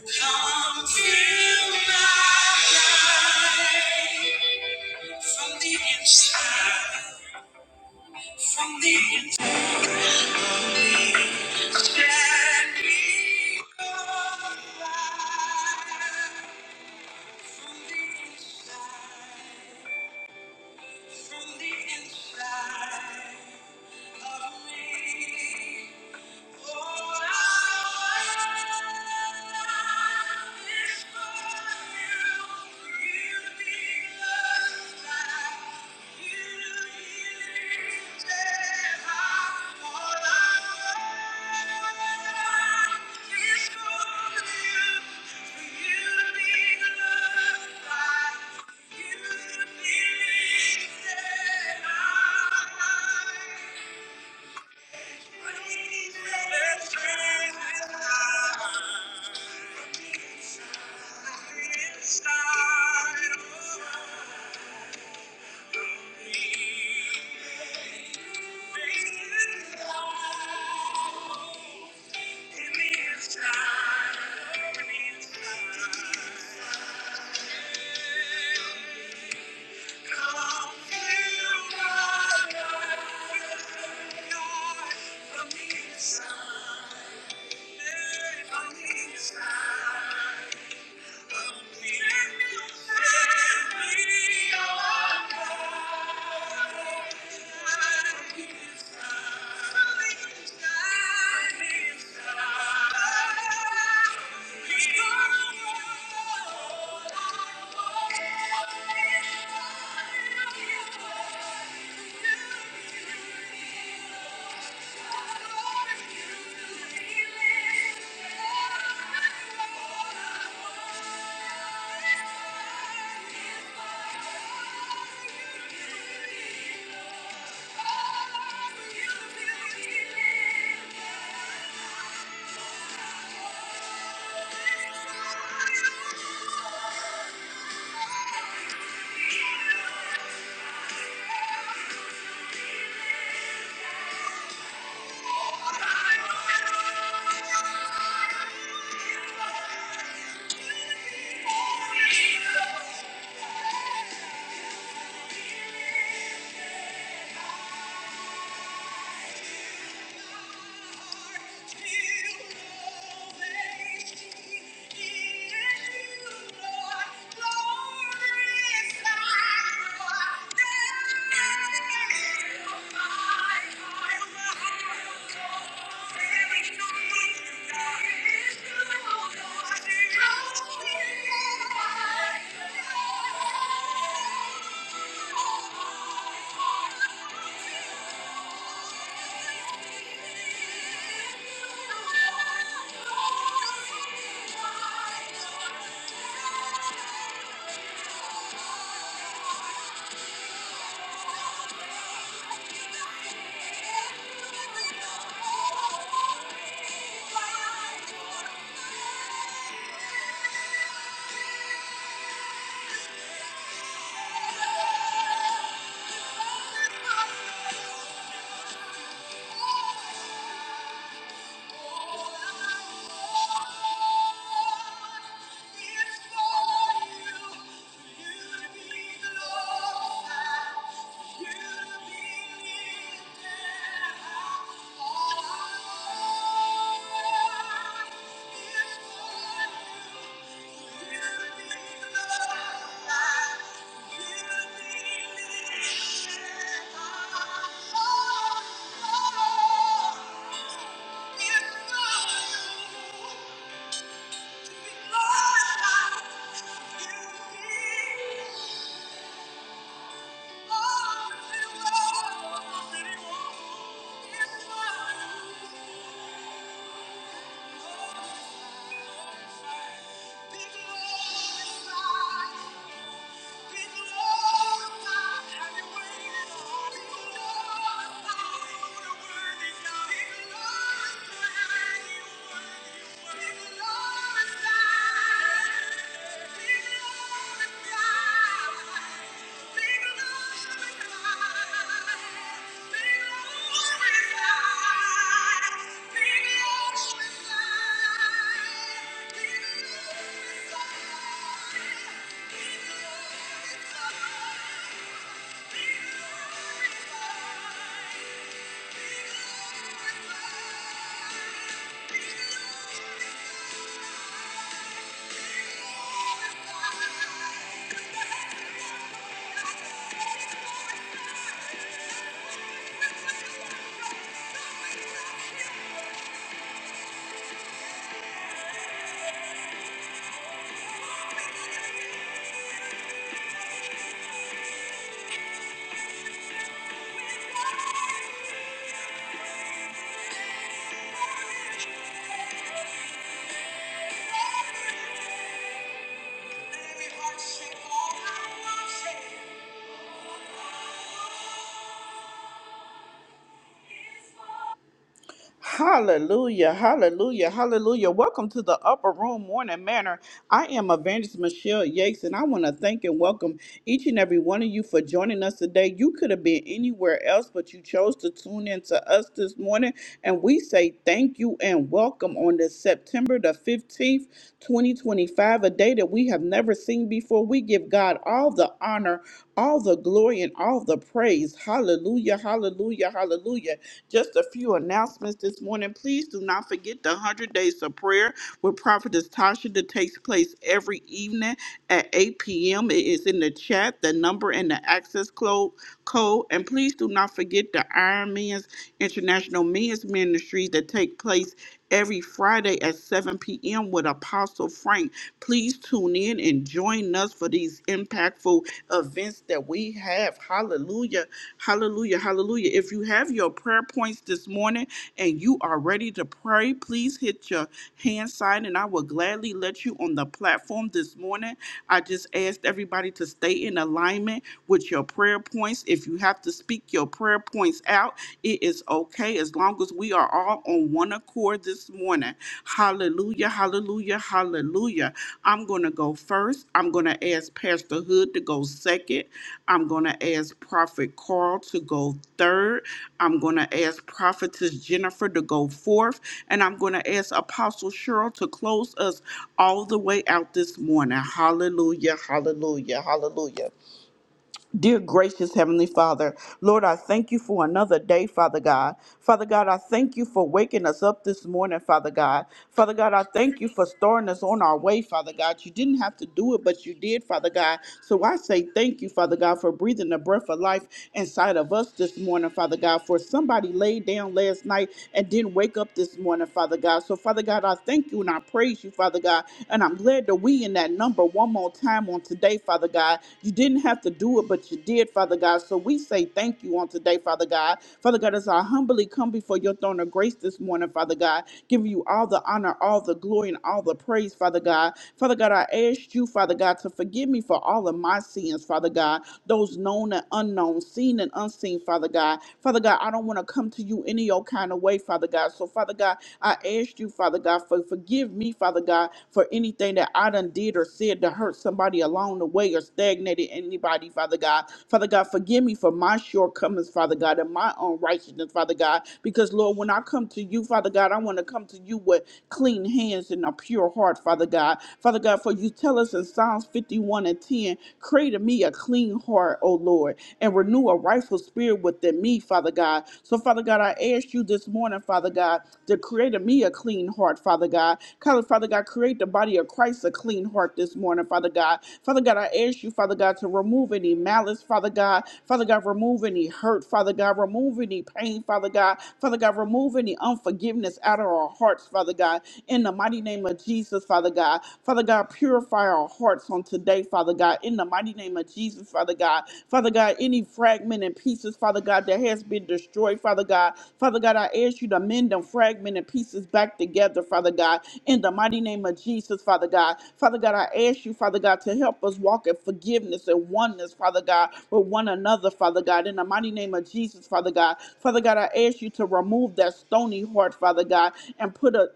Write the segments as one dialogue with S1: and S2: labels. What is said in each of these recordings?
S1: Come fill my life from the inside. From the inside of me. Thank you. From the Inside. from the inside. Thank you. Thank you. Thank you. Thank you. Thank you. Shake all I want, shake. Hallelujah, hallelujah, hallelujah. Welcome to the Upper Room Morning Manor. I am Evangelist Michelle Yates, and I want to thank and welcome each and every one of you for joining us today. You could have been anywhere else, but you chose to tune in to us this morning, and we say thank you and welcome on this September the 15th, 2025, a day that we have never seen before. We give God all the honor, all the glory, and all the praise. Hallelujah, hallelujah, hallelujah. Just a few announcements this morning. Please do not forget the 100 Days of Prayer with Prophetess Tasha that takes place every evening at 8 p.m. It is in the chat, the number, and the access clo- code. And please do not forget the Iron Men's International Men's Ministries that take place every Friday at 7 p.m. with Apostle Frank. Please tune in and join us for these impactful events that we have. Hallelujah. Hallelujah. Hallelujah. If you have your prayer points this morning and you are ready to pray, please hit your hand sign and I will gladly let you on the platform this morning. I just asked everybody to stay in alignment with your prayer points. If you have to speak your prayer points out, it is okay as as long as we are all on one accord this morning. Hallelujah, hallelujah, hallelujah. I'm going to go first. I'm going to ask Pastor Hood to go second. I'm going to ask Prophet Carl to go third. I'm going to ask Prophetess Jennifer to go fourth. And I'm going to ask Apostle Cheryl to close us all the way out this morning. Hallelujah, hallelujah, hallelujah. Dear gracious Heavenly Father, Lord, I thank you for another day, Father God. Father God, I thank you for waking us up this morning, Father God. Father God, I thank you for starting us on our way, Father God. You didn't have to do it, but you did, Father God. So I say thank you, Father God, for breathing the breath of life inside of us this morning, Father God. For somebody laid down last night and didn't wake up this morning, Father God. So, Father God, I thank you and I praise you, Father God. And I'm glad declare the we in that number one more time on today, Father God. You didn't have to do it, but you did, Father God. So we say thank you on today, Father God. Father God, as I humbly come before your throne of grace this morning, Father God, giving you all the honor, all the glory, and all the praise, Father God. Father God, I ask you, Father God, to forgive me for all of my sins, Father God, those known and unknown, seen and unseen, Father God. Father God, I don't want to come to you any old kind of way, Father God. So so, Father God, I ask you, Father God, for forgive me, Father God, for anything that I done did or said to hurt somebody along the way or stagnated anybody, Father God. Father God, forgive me for my shortcomings, Father God, and my unrighteousness, Father God. Because Lord, when I come to you, Father God, I want to come to you with clean hands and a pure heart, Father God. Father God, for you tell us in Psalms 51 and 10, create in me a clean heart, O Lord, and renew a rightful spirit within me, Father God. So, Father God, I ask you this morning, Father God, to create in me a clean heart, Father God. Color, Father God, create the body of Christ a clean heart this morning, Father God. Father God, I ask you, Father God, to remove any malice, Father God. Father God, remove any hurt, Father God. Remove any pain, Father God. Father God, remove any unforgiveness out of our hearts, Father God. In the mighty name of Jesus, Father God. Father God, purify our hearts on hearts on today, Father God, in the mighty name of Jesus, Father God. Father God, any fragment and pieces, Father God, that has been destroyed, Father God. Father God, I ask you to mend them fragment and pieces back together, Father God, in the mighty name of Jesus, Father God. Father God, I ask you, Father God, to help us walk in forgiveness and oneness, Father God, with one another, Father God, in the mighty name of Jesus, Father God. Father God, I ask you to remove that stony heart, Father God, and put a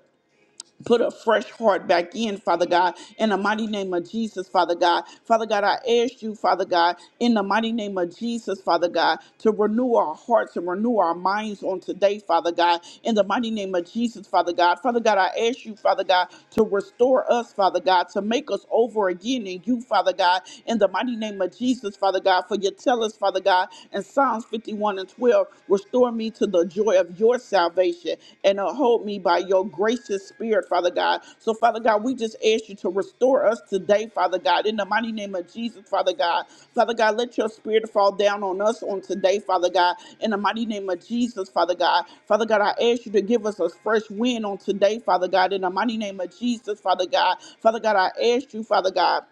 S1: Put a fresh heart back in, Father God, in the mighty name of Jesus, Father God. Father God, I ask you, Father God, in the mighty name of Jesus, Father God, to renew our hearts and renew our minds on today, Father God, in the mighty name of Jesus, Father God. Father God, I ask you, Father God, to restore us, Father God, to make us over again in you, Father God, in the mighty name of Jesus, Father God, for you tell us, Father God, in Psalms 51 and and 12, restore me to the joy of your salvation and uh, hold me by your gracious spirit, Father God. So, Father God, we just ask you to restore us today, Father God, in the mighty name of Jesus, Father God. Father God, let your spirit fall down on us on today, Father God, in the mighty name of Jesus, Father God. Father God, I ask you to give us a fresh wind on today, Father God, in the mighty name of Jesus, Father God. Father God, I ask you, Father God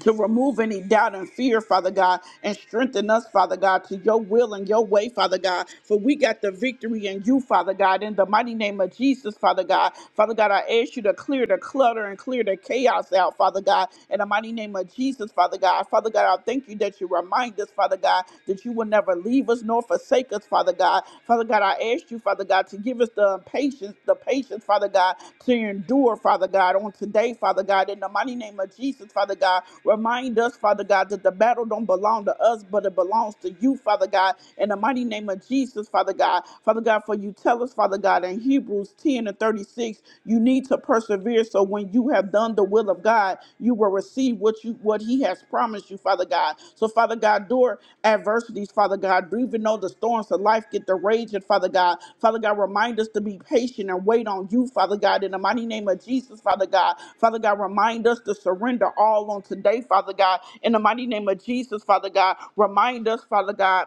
S1: to remove any doubt and fear, Father God, and strengthen us, Father God, to your will and your way, Father God. For we got the victory in you, Father God, in the mighty name of Jesus, Father God. Father God, I ask you to clear the clutter and clear the chaos out, Father God, in the mighty name of Jesus, Father God. Father God, I thank you that you remind us, Father God, that you will never leave us nor forsake us, Father God. Father God, I ask you, Father God, to give us the patience, the patience, Father God, to endure, Father God, on today, Father God, in the mighty name of Jesus, Father God. Remind us, Father God, that the battle don't belong to us, but it belongs to you, Father God, in the mighty name of Jesus, Father God. Father God, for you tell us, Father God, in Hebrews 10 and 36, you need to persevere. So when you have done the doing the will of God, you will receive what you what He has promised you, Father God. So, Father God, door adversities, Father God, even though the storms of life get to raging, Father God. Father God, remind us to be patient and wait on you, Father God, in the mighty name of Jesus, Father God. Father God, remind us to surrender all on today, Father God, in the mighty name of Jesus, Father God. Remind us, Father God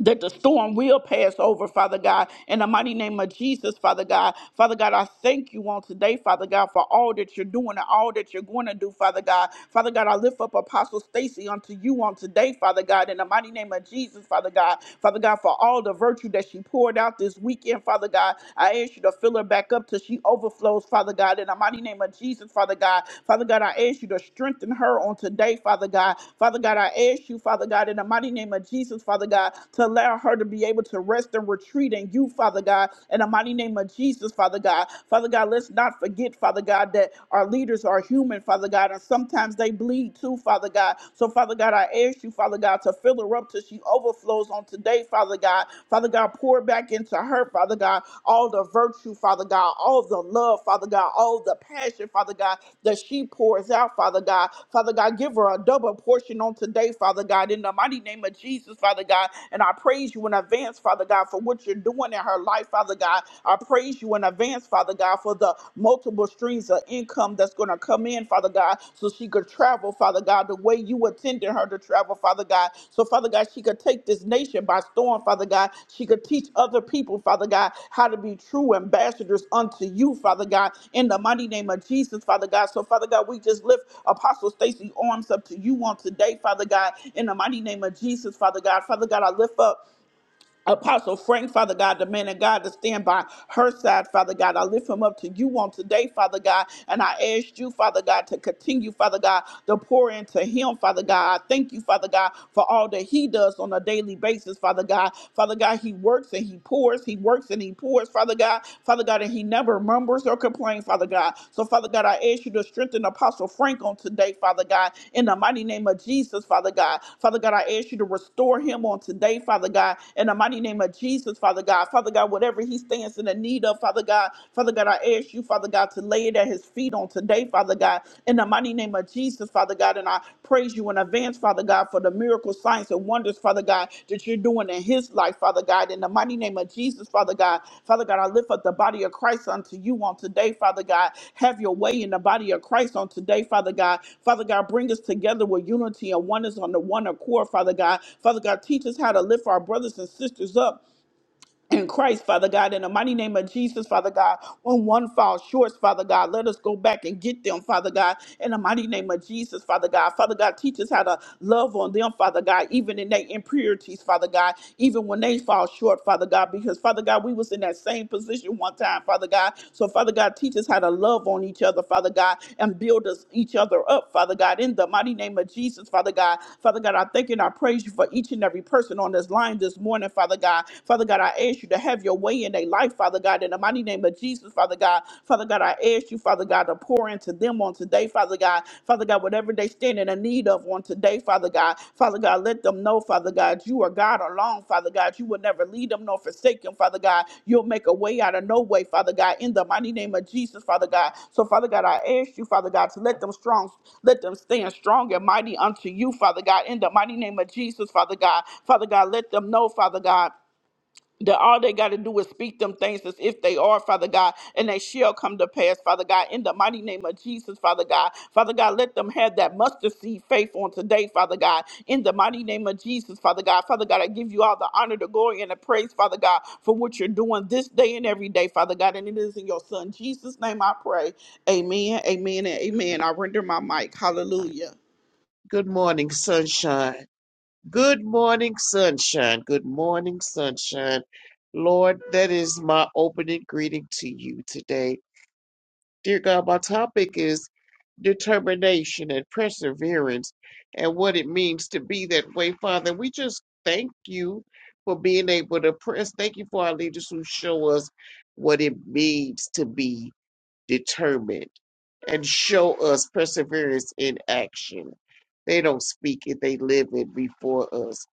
S1: that the storm will pass over, Father God, in the mighty name of Jesus, Father God. Father God, I thank you on today, Father God, for all that you're doing and all that you're going to do, Father God. Father God, I lift up Apostle Stacy unto you on today, Father God, in the mighty name of Jesus, Father God. Father God, for all the virtue that she poured out this weekend, Father God, I ask you to fill her back up till she overflows, Father God, in the mighty name of Jesus, Father God. Father God, I ask you to strengthen her on today, Father God. Father God, I ask you, Father God, in the mighty name of Jesus, Father God, to allow her to be able to rest and retreat in you, Father God, in the mighty name of Jesus, Father God. Father God, let's not forget, Father God, that our leaders are human, Father God, and sometimes they bleed too, Father God. So, Father God, I ask you, Father God, to fill her up till she overflows on today, Father God. Father God, pour back into her, Father God, all the virtue, Father God, all the love, Father God, all the passion, Father God, that she pours out, Father God. Father God, give her a double portion on today, Father God, in the mighty name of Jesus, Father God. And I praise you in advance, Father God, for what you're doing in her life, Father God. I praise you in advance, Father God, for the multiple streams of income that's going to come in, Father God, so she could travel, Father God, the way you intended sending her to travel, Father God. So, Father God, she could take this nation by storm, Father God. She could teach other people, Father God, how to be true ambassadors unto you, Father God, in the mighty name of Jesus, Father God. So, Father God, we just lift Apostle Stacy arms up to you on today, Father God, in the mighty name of Jesus, Father God. Father God, I lift up Apostle Frank, Father God, the man of God to stand by her side, Father God. I lift him up to you on today, Father God, and I ask you, Father God, to continue, Father God, to pour into him, Father God. I thank you, Father God, for all that he does on a daily basis, Father God. Father God, he works and he pours, he works and he pours, Father God. Father God, and he never murmurs or complains praying, Father God. So, Father God, I ask you to strengthen Apostle Frank on today, Father God, in the mighty name of Jesus, Father God. Father God, I ask you to restore him on today, Father God, in the mighty name of Jesus, Father God. Father God, whatever he stands in the need of, Father God, Father God, I ask you, Father God, to lay it at his feet on today, Father God, in the mighty name of Jesus, Father God. And I praise you praise you in advance, Father God, for the miracles, signs, and wonders, Father God, that you're doing in his life, Father God. In the mighty name of Jesus, Father God. Father God, I lift up the body of Christ unto you on today, Father God. Have your way in the body of Christ on today, Father God. Father God, bring us together with unity and oneness on the one accord, Father God. Father God, teach us how to lift our brothers and sisters up in Christ, Father God, in the mighty name of Jesus, Father God, when one falls short, Father God, let us go back and get them, Father God, in the mighty name of Jesus, Father God. Father God, teach us how to love on them, Father God, even in their impurities, Father God, even when they fall short, Father God, because Father God, we was in that same position one time, Father God. So Father God, teach us how to love on each other, Father God, and build us each other up, Father God, in the mighty name of Jesus, Father God. Father God, I thank you and I praise you for each and every person on this line this morning, Father God. Father Father God, I ask you to have your way in their life, Father God, in the mighty name of Jesus, Father God. Father God, I ask you, Father God, to pour into them on today, Father God. Father God, whatever they stand in the need of on today, Father God. Father God, let them know, Father God, you are God alone, Father God. You will never lead them nor forsake them, Father God. You'll make a way out of no way, Father God, in the mighty name of Jesus, Father God. So, Father God, I ask you, Father God, to let them strong, let them stand strong and mighty unto you, Father God, in the mighty name of Jesus, Father God. Father God, let them know, Father God that all they got to do is speak them things as if they are, Father God, and they shall come to pass, Father God, in the mighty name of Jesus, Father God. Father God, let them have that mustard seed faith on today, Father God, in the mighty name of Jesus, Father God. Father God, I give you all the honor, the glory, and the praise, Father God, for what you're doing this day and every day, Father God, and it is in your Son, Jesus' name I pray. Amen, amen, and amen. I render my mic. Hallelujah.
S2: Good morning, sunshine. Good morning, sunshine. Good morning, sunshine. Lord, that is my opening greeting to you today. Dear God, my topic is determination and perseverance and what it means to be that way. Father, we just thank you for being able to press. Thank you for our leaders who show us what it means to be determined, and show us perseverance in action. They don't speak it, they live it before us,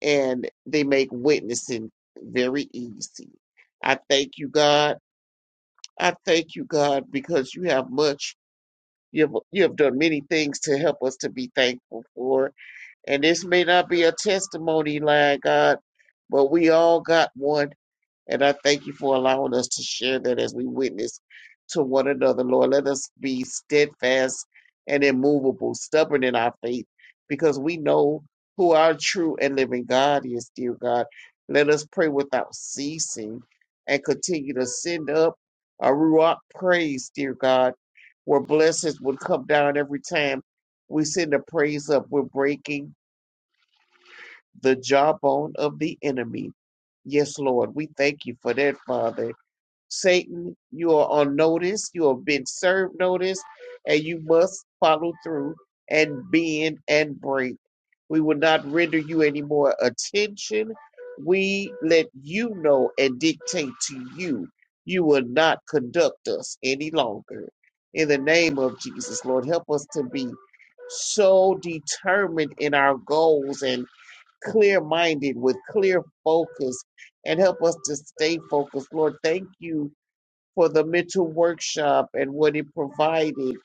S2: and they make witnessing very easy. I thank you, God. I thank you, God, because you have much. You have, you have done many things to help us to be thankful for. And this may not be a testimony line, God, but we all got one and I thank you for allowing us to share that as we witness to one another, Lord. Let us be steadfast and immovable, stubborn in our faith, because we know who our true and living God is, dear God. Let us pray without ceasing and continue to send up a Ruach praise, dear God, where blessings would come down every time we send a praise up. We're breaking the jawbone of the enemy. Yes, Lord, we thank you for that, Father Satan, you are on notice, you have been served notice, and you must follow through and bend and break. We will not render you any more attention. We let you know and dictate to you. You will not conduct us any longer. In the name of Jesus, Lord, help us to be so determined in our goals and clear minded with clear focus and help us to stay focused. Lord, thank you for the mental workshop and what it provided.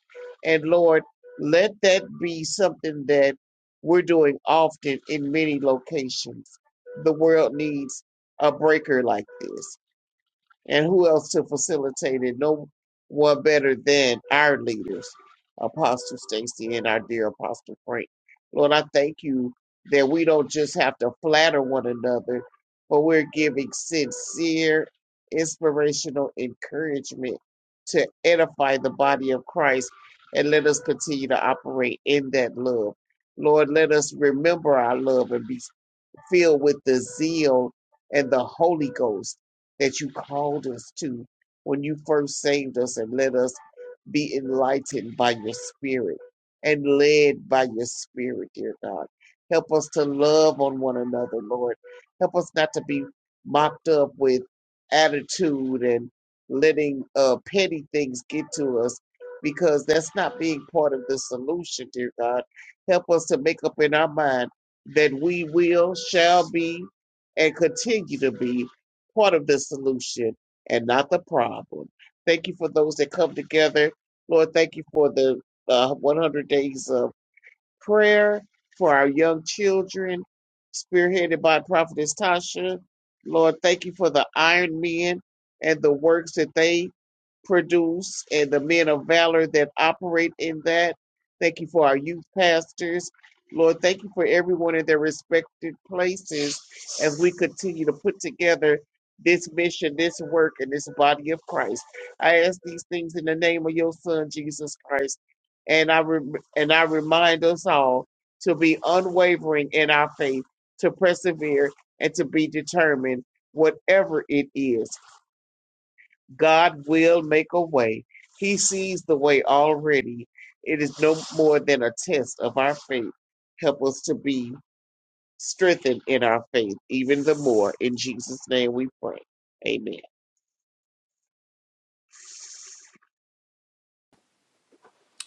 S2: And Lord, let that be something that we're doing often in many locations. The world needs a breaker like this and who else to facilitate it? No one better than our leaders, Apostle Stacy and our dear Apostle Frank. Lord, I thank you that we don't just have to flatter one another, but we're giving sincere, inspirational encouragement to edify the body of Christ and let us continue to operate in that love. Lord, let us remember our love and be filled with the zeal and the Holy Ghost that you called us to when you first saved us and let us be enlightened by your spirit and led by your spirit, dear God. Help us to love on one another, Lord. Help us not to be mocked up with attitude and letting uh, petty things get to us because that's not being part of the solution, dear God. Help us to make up in our mind that we will, shall be, and continue to be part of the solution and not the problem. Thank you for those that come together. Lord, thank you for the uh, 100 days of prayer for our young children, spearheaded by Prophetess Tasha. Lord, thank you for the iron men and the works that they produce and the men of valor that operate in that. Thank you for our youth pastors. Lord, thank you for everyone in their respected places as we continue to put together this mission, this work, and this body of Christ. I ask these things in the name of your Son, Jesus Christ and I re- and I remind us all to be unwavering in our faith, to persevere, and to be determined. Whatever it is, God will make a way. He sees the way already. It is no more than a test of our faith. Help us to be strengthened in our faith, even the more. In Jesus' name we pray. Amen.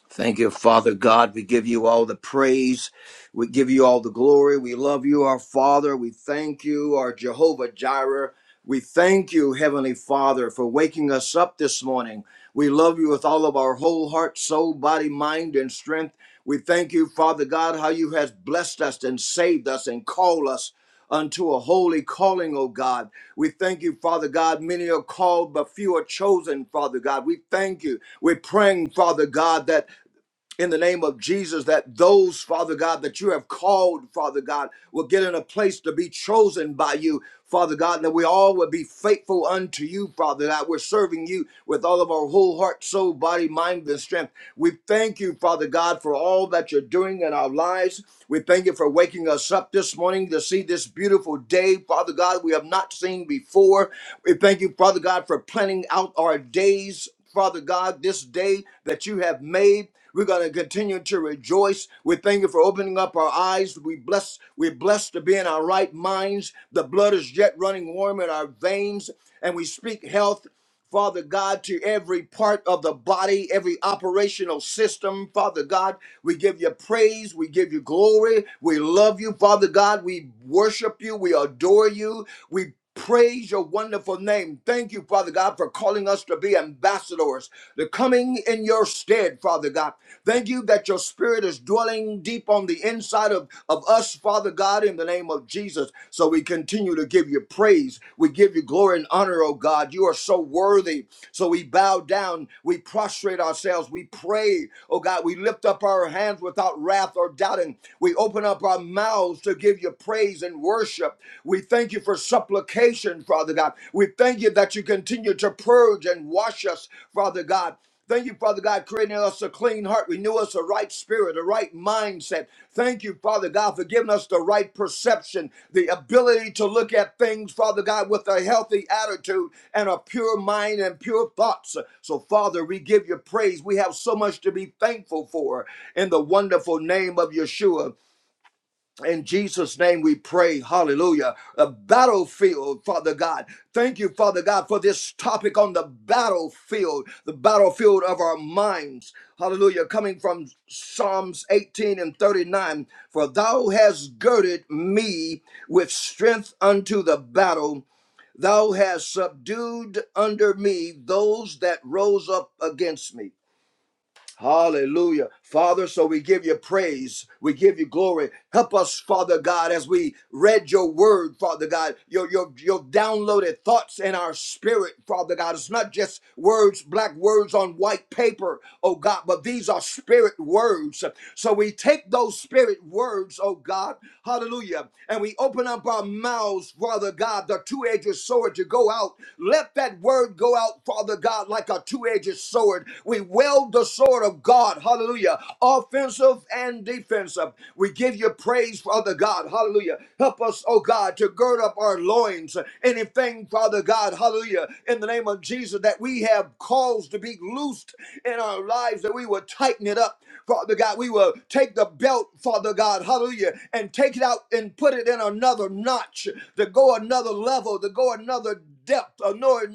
S3: Thank you, Father God. We give you all the praise. We give you all the glory. We love you, our Father. We thank you, our Jehovah Jireh. We thank you, Heavenly Father, for waking us up this morning. We love you with all of our whole heart, soul, body, mind, and strength. We thank you, Father God, how you has blessed us and saved us and called us unto a holy calling, O God. We thank you, Father God. Many are called, but few are chosen, Father God. We thank you. We're praying, Father God, that in the name of Jesus that those, Father God, that you have called, Father God, will get in a place to be chosen by you, Father God, and that we all will be faithful unto you, Father God. We're serving you with all of our whole heart, soul, body, mind, and strength. We thank you, Father God, for all that you're doing in our lives. We thank you for waking us up this morning to see this beautiful day, Father God, we have not seen before. We thank you, Father God, for planning out our days. Father God, this day that you have made. We're going to continue to rejoice. We thank you for opening up our eyes. We bless, we're blessed to be in our right minds. The blood is yet running warm in our veins, and we speak health. Father God, to every part of the body, every operational system, Father God, we give you praise, we give you glory, we love you, Father God, we worship you, we adore you, we Praise your wonderful name. Thank you, Father God, for calling us to be ambassadors, the coming in your stead, Father God. Thank you that your spirit is dwelling deep on the inside of, of us, Father God, in the name of Jesus. So we continue to give you praise. We give you glory and honor, oh God. You are so worthy. So we bow down, we prostrate ourselves, we pray, oh God. We lift up our hands without wrath or doubting. We open up our mouths to give you praise praise and worship. We thank you for supplication, Father God. We thank you that you continue to purge and wash us, Father God. Thank you, Father God, creating us a clean heart. Renew us a right spirit, a right mindset. Thank you, Father God, for giving us the right perception, the ability to look at things, Father God, with a healthy attitude and a pure mind and pure thoughts. So, Father, we give you praise. We have so much to be thankful for in the wonderful name of Yeshua. In Jesus' name we pray. Hallelujah. A battlefield, Father God. Thank you, Father God, for this topic on the battlefield, the battlefield of our minds. Hallelujah. Coming from Psalms 18 and 39. For thou hast girded me with strength unto the battle. Thou hast subdued under me those that rose up against me. Hallelujah. Father, so we give you praise. We give you glory. Help us, Father God, as we read your word, Father God, your, your, your downloaded thoughts in our spirit, Father God. It's not just words, black words on white paper, oh God, but these are spirit words. So we take those spirit words, oh God, hallelujah, and we open up our mouths, Father God, the two edged sword to go out. Let that word go out, Father God, like a two edged sword. We we wield the sword of God, hallelujah, offensive and defensive. We give you praise, Father God, hallelujah. Help us, oh God, to gird up our loins. Anything, Father God, hallelujah, in the name of Jesus, that we have caused to be loosed in our lives, that we will tighten it up. Father God, we will take the belt, Father God, hallelujah, and take it out and put it in another notch to go another level, to go another depth, another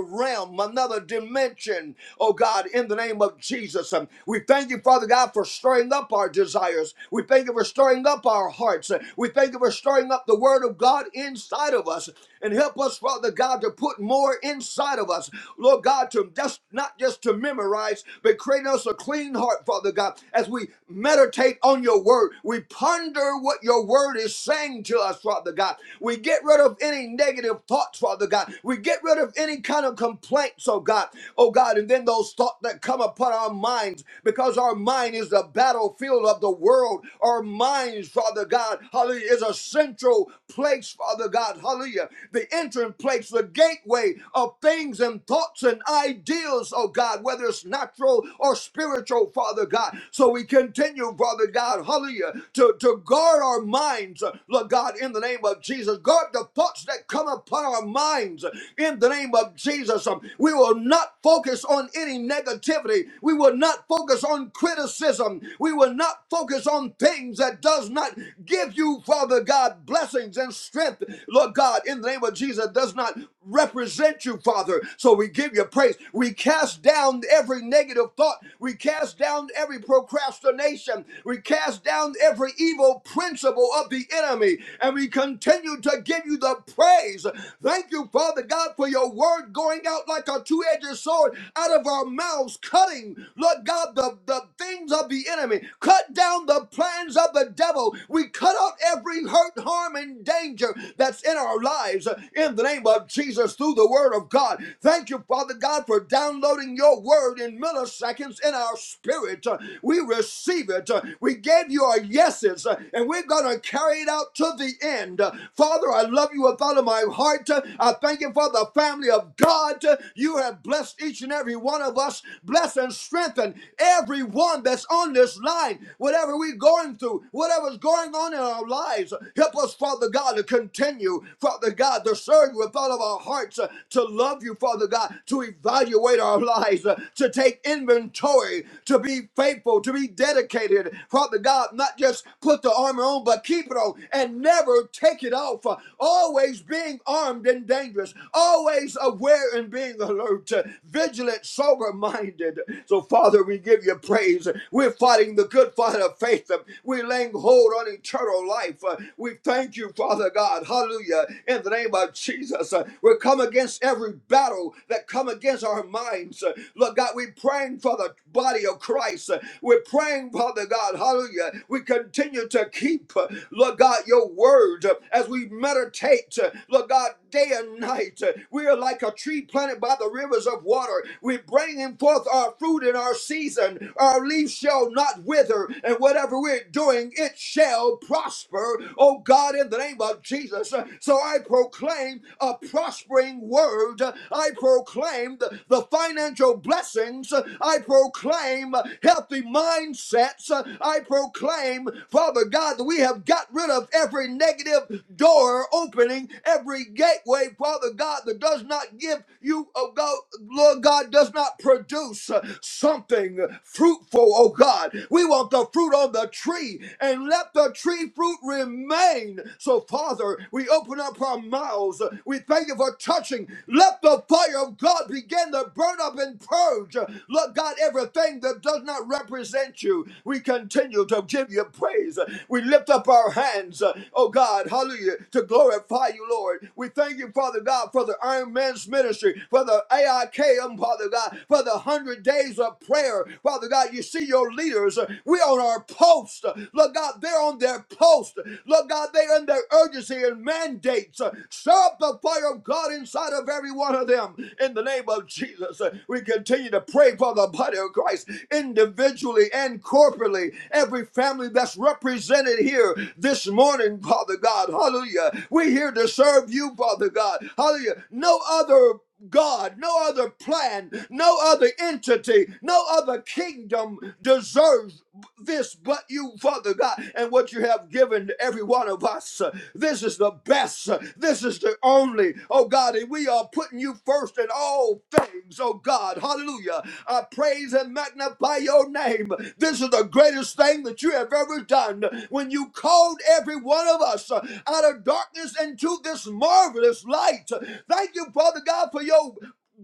S3: realm, another dimension. Oh God, in the name of Jesus. Um, We thank you, Father God, for stirring up our desires. We thank you for stirring up our hearts. Uh, We thank you for stirring up the word of God inside of us. And help us, Father God, to put more inside of us. Lord God, to just not just to memorize, but create us a clean heart, Father God, as we meditate on your word. We ponder what your word is saying to us, Father God. We get rid of any negative of thoughts, Father God. We get rid of any kind of complaints, oh God, oh God, and then those thoughts that come upon our minds because our mind is the battlefield of the world. Our minds, Father God, hallelujah, is a central place, Father God, hallelujah, the entrance place, the gateway of things and thoughts and ideals, oh God, whether it's natural or spiritual, Father God. So we continue, Father God, hallelujah, to, to guard our minds, Lord God, in the name of Jesus. Guard the thoughts thoughts that come upon our minds in the name of Jesus. Um, We will not focus on any negativity. We will not focus on criticism. We will not focus on things that does not give you, Father God, blessings and strength, Lord God, in the name of Jesus, does not represent you, Father. So we give you praise. We cast down every negative thought. We cast down every procrastination. We cast down every evil principle of the enemy. And we continue continue to give you the praise. Thank you, Father God, for your word going out like a two edged sword out of our mouths, cutting, Lord God, the, the things of the enemy. Cut down the plans of the devil. We cut out every hurt, harm, and danger that's in our lives in the name of Jesus through the word of God. Thank you, Father God, for downloading your word in milliseconds in our spirit. We receive it. We gave you our yeses, and we're going to carry it out to the the end. Father, I love you with all of my heart. I thank you for the family of God. You have blessed each and every one of us. Bless and strengthen everyone that's on this line. Whatever we're going through, whatever's going on in our lives, help us, Father God, to continue, Father God, to serve you with all of our hearts, to love you, Father God, to evaluate our lives, to take inventory, to be faithful, to be dedicated. Father God, not just put the armor on, but keep it on arrow and never take it off. Always being armed and dangerous, always aware and being alert, vigilant, sober minded. So, Father, we give you praise. We're fighting the good fight of faith. We're laying hold on eternal life. We thank you, Father God. Hallelujah. In the name of Jesus, we come against every battle that come against our minds. Lord God, we're praying for the body of Christ. We're praying, Father God. Hallelujah. We continue to keep keep, uh, Lord God, your word uh, as we meditate, uh, Lord God, day and night. uh, We are like a tree planted by the rivers of water. We bring in forth our fruit in our season. Our leaves shall not wither, and whatever we're doing, it shall prosper. Oh God, in the name of Jesus. Uh, So I proclaim a prospering word. Uh, I proclaim the, the financial blessings. Uh, I proclaim uh, healthy mindsets. Uh, I proclaim Father God, that we have got rid of every negative door opening, every gateway, Father God, that does not give you, oh God, Lord God, does not produce uh, something fruitful, oh God. We want the fruit on the tree and let the tree fruit remain. So, Father, we open up our mouths. We thank you for touching. Let the fire of God begin to burn up and purge. Lord God, everything that does not represent you, we continue you to give you praise. We lift up our hands, uh, oh God, hallelujah, to glorify you, Lord. We thank you, Father God, for the Iron Man's ministry, for the AIKM, Father God, for the 100 days of prayer. Father God, you see your leaders. uh, We on our post. Lord God, they're on their post. Lord God, they're in their urgency and mandates. Uh, Stir up the fire of God inside of every one of them. In the name of Jesus, uh, we continue to pray for the body of Christ individually and corporately corporately, every family that's represented here this morning, Father God. Hallelujah. We're here to serve you, Father God. Hallelujah. No other God, no other plan, no other entity, no other kingdom deserves this but you, Father God, and what you have given to every one of us. This is the best. This is the only. Oh God, and we are putting you first in all things. Oh God, hallelujah. I praise and magnify your name name. This is the greatest thing that you have ever done when you called every one of us uh, out of darkness into this marvelous light. Thank you, Father God, for your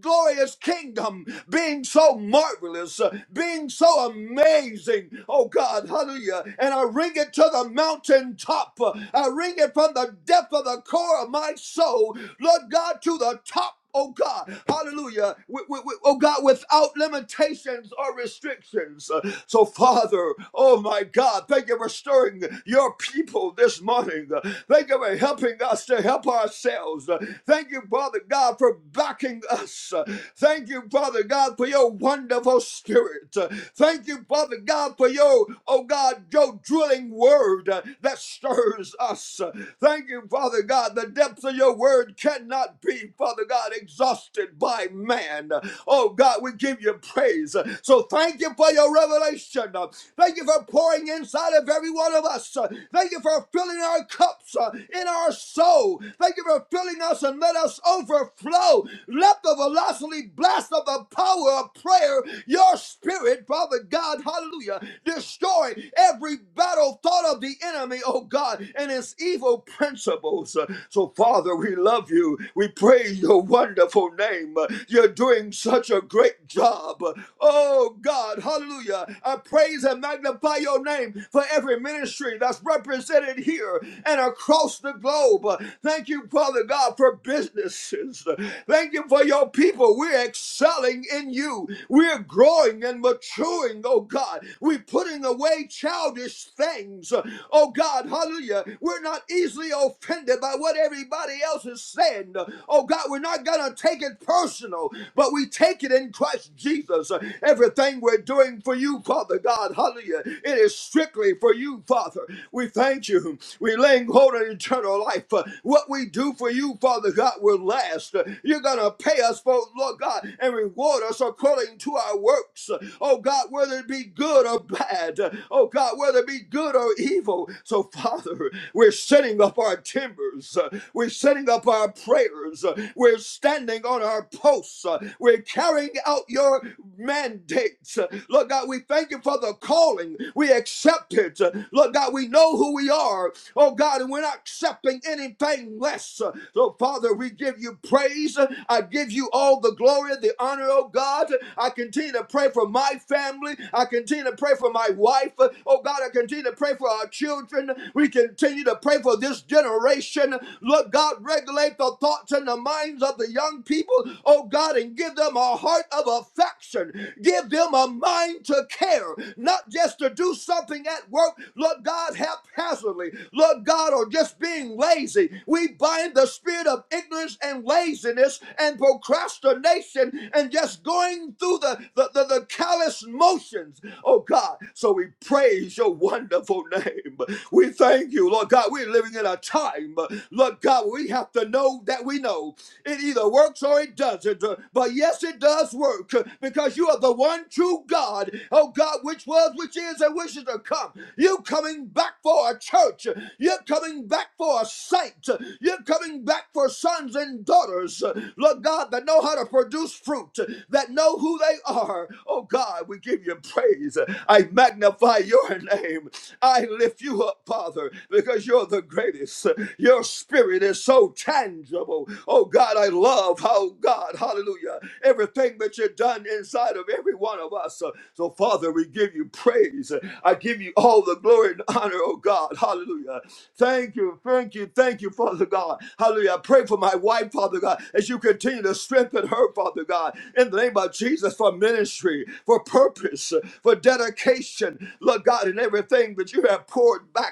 S3: glorious kingdom being so marvelous, uh, being so amazing. Oh God, hallelujah. And I ring it to the mountaintop. I ring it from the depth of the core of my soul. Lord God, to the top oh God, hallelujah, wi- wi- wi- oh God, without limitations or restrictions. Uh, So, Father, oh my God, thank you for stirring your people this morning. Uh, Thank you for helping us to help ourselves. Uh, Thank you, Father God, for backing us. Uh, Thank you, Father God, for your wonderful spirit. Uh, Thank you, Father God, for your, oh God, your drilling word uh, that stirs us. Uh, Thank you, Father God. The depths of your word cannot be, Father God. God, exhausted by man. Oh God, we give you praise. So thank you for your revelation. Thank you for pouring inside of every one of us. Thank you for filling our cups uh, in our soul. Thank you for filling us and let us overflow. Let the velocity blast of the power of prayer, your spirit, Father God, hallelujah, destroy every battle thought of the enemy, oh God, and his evil principles. So, Father, we love you. We praise you wonderful name. You're doing such a great job. Oh God, hallelujah. I praise and magnify your name for every ministry that's represented here and across the globe. Thank you, Father God, for businesses. Thank you for your people. We're excelling in you. We're growing and maturing, oh God. We're putting away childish things. Oh God, hallelujah. We're not easily offended by what everybody else is saying. Oh God, we're not not going to take it personal, but we take it in Christ Jesus. Everything we're doing for you, Father God, hallelujah, it is strictly for you, Father. We thank you. We laying hold of eternal life. Uh, What we do for you, Father God, will last. Uh, You're going to pay us for, Lord God, and reward us according to our works. Uh, Oh God, whether it be good or bad. Uh, Oh God, whether it be good or evil. So, Father, we're setting up our timbers. Uh, We're setting up our prayers. Uh, We're we're standing on our posts. Uh, We're carrying out your mandates. Uh, Lord God, we thank you for the calling. We accept it. Uh, Lord God, we know who we are. Oh God, and we're not accepting anything less. Uh, So, Father, we give you praise. Uh, I give you all the glory, the honor, oh God. I continue to pray for my family. I continue to pray for my wife. Uh, Oh God, I continue to pray for our children. We continue to pray for this generation. Lord God, regulate the thoughts and the minds minds of the young people, oh God, and give them a heart of affection. Give them a mind to care, not just to do something at work, Lord God, haphazardly, Lord God, or just being lazy. We bind the spirit of ignorance and laziness and procrastination and just going through the, the, the, the callous motions, oh God. So we praise your wonderful name. We thank you, Lord God. We're living in a time, Lord God, we have to know that we know. It either works or it doesn't. Uh, But yes, it does work uh, because you are the one true God. Oh God, which was, which is, and which is to come. You coming back for a church. You're coming back for a saint. You're coming back for sons and daughters. Lord God, that know how to produce fruit, that know who they are. Oh God, we give you praise. I magnify your name. I lift you up, Father, because you're the greatest. You're spirit is so tangible. Oh God, I love how God, hallelujah, everything that you've done inside of every one of us. Uh, So, Father, we give you praise. I give you all the glory and honor, oh God, hallelujah. Thank you, thank you, thank you, Father God. Hallelujah. I pray for my wife, Father God, as you continue to strengthen her, Father God, in the name of Jesus for ministry, for purpose, for dedication, Lord God, in everything that you have poured back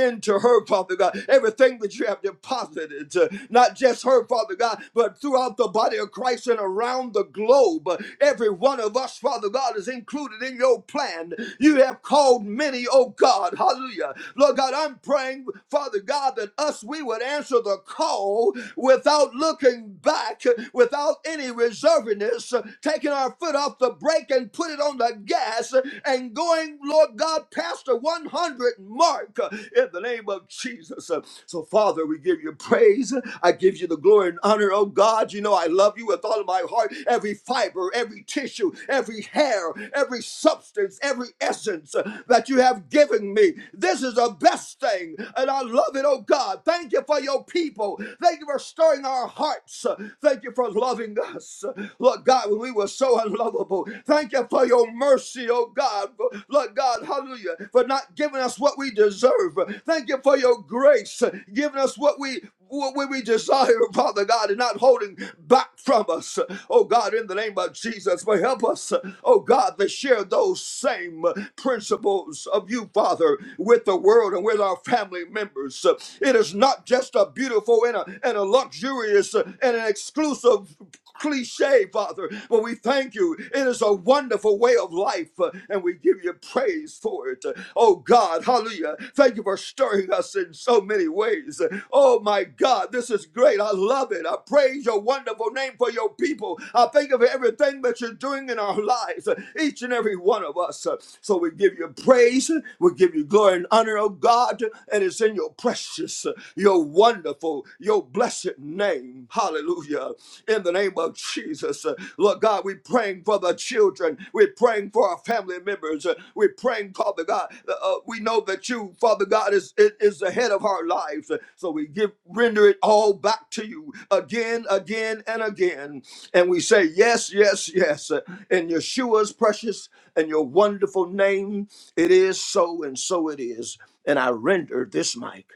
S3: into her, Father God. Everything that you have deposited, uh, not just her, Father God, but throughout the body of Christ and around the globe. Uh, Every one of us, Father God, is included in your plan. You have called many, oh God. Hallelujah. Lord God, I'm praying, Father God, that us, we would answer the call without looking back, without any reservedness, uh, taking our foot off the brake and put it on the gas uh, and going, Lord God, past the 100 mark uh, in the name of Jesus. Uh, So, Father, we give you praise. I give you the glory and honor, oh God. You know, I love you with all of my heart, every fiber, every tissue, every hair, every substance, every essence uh, that you have given me. This is the best thing, and I love it, oh God. Thank you for your people. Thank you for stirring our hearts. Uh, Thank you for loving us. Uh, Lord God, when we were so unlovable, thank you for your mercy mercy, oh God, for, Lord God, hallelujah, for not giving us what we deserve. Thank you for your grace, giving us what we what we desire, Father God, and not holding back from us. Oh God, in the name of Jesus, but help us, oh God, to share those same principles of you, Father, with the world and with our family members. It is not just a beautiful and a, and a luxurious and an exclusive cliche, Father, but we thank you. It is a wonderful way of life, uh, and we give you praise for it. Uh, Oh God, hallelujah. Thank you for stirring us in so many ways. Uh, Oh my God, this is great. I love it. I praise your wonderful name for your people. I thank you for everything that you're doing in our lives, uh, each and every one of us. Uh, So we give you praise, we give you glory and honor, oh God, and it's in your precious, uh, your wonderful, your blessed name. Hallelujah in the name of Jesus. Uh, Lord God, we're praying for the children. We're praying for our family members. Uh, We're praying, Father God. Uh, uh, we know that you, Father God, is, is is the head of our lives. Uh, So we give render it all back to you again, again, and again. And we say, Yes, yes, yes. Uh, In Yeshua's precious and your wonderful name, it is so, and so it is. And I render this mic.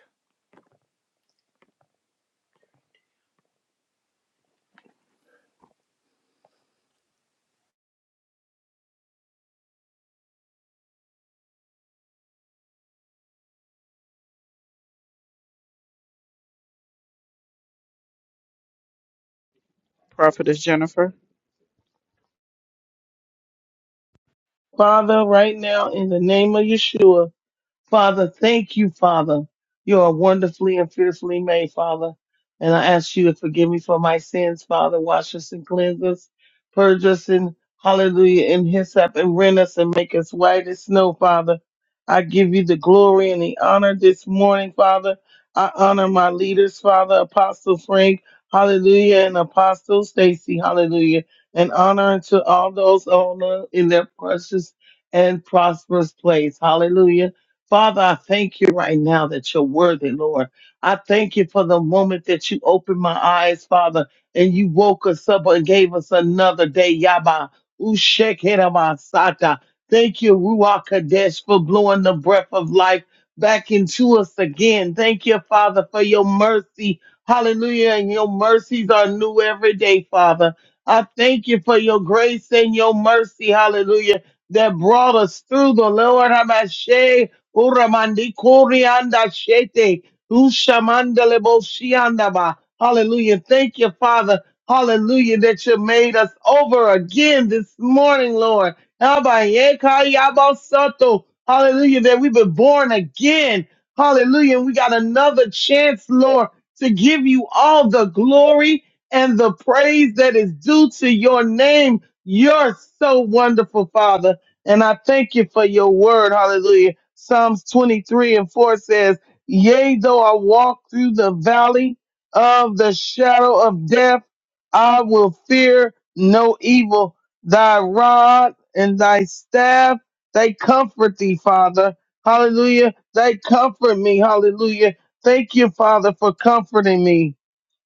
S1: Prophetess Jennifer.
S4: Father, right now, in the name of Yeshua, Father, thank you, Father. You are wonderfully and fearfully made, Father. And I ask you to forgive me for my sins, Father. Wash us and cleanse us. Purge us in hallelujah and hyssop and rend us and make us white as snow, Father. I give you the glory and the honor this morning, Father. I honor my leaders, Father, Apostle Frank, hallelujah, and Apostle Stacy, hallelujah. And honor to all those on the- in their precious and prosperous place, hallelujah. Father, I thank you right now that you're worthy, Lord. I thank you for the moment that you opened my eyes, Father, and you woke us up and gave us another day. Yaba Ushekeramasata. Thank you, Ruach Kadesh, for blowing the breath of life back into us again. Thank you, Father, for your mercy. Hallelujah. And your mercies are new every day, Father. I thank you for your grace and your mercy. Hallelujah. That brought us through the Lord. Hamashe. Uramandi Korianda Shete. Ushamandale Boshiandaba. Hallelujah. Thank you, Father. Hallelujah, that you made us over again this morning, Lord. Abayekayabasoto. Hallelujah, that we've been born again. Hallelujah. We got another chance, Lord, to give you all the glory and the praise that is due to your name. You're so wonderful, Father. And I thank you for your word. Hallelujah. Psalms 23 and 4 says, Yea, though I walk through the valley of the shadow of death, I will fear no evil. Thy rod and thy staff, they comfort thee, Father. Hallelujah. They comfort me. Hallelujah. Thank you, Father, for comforting me.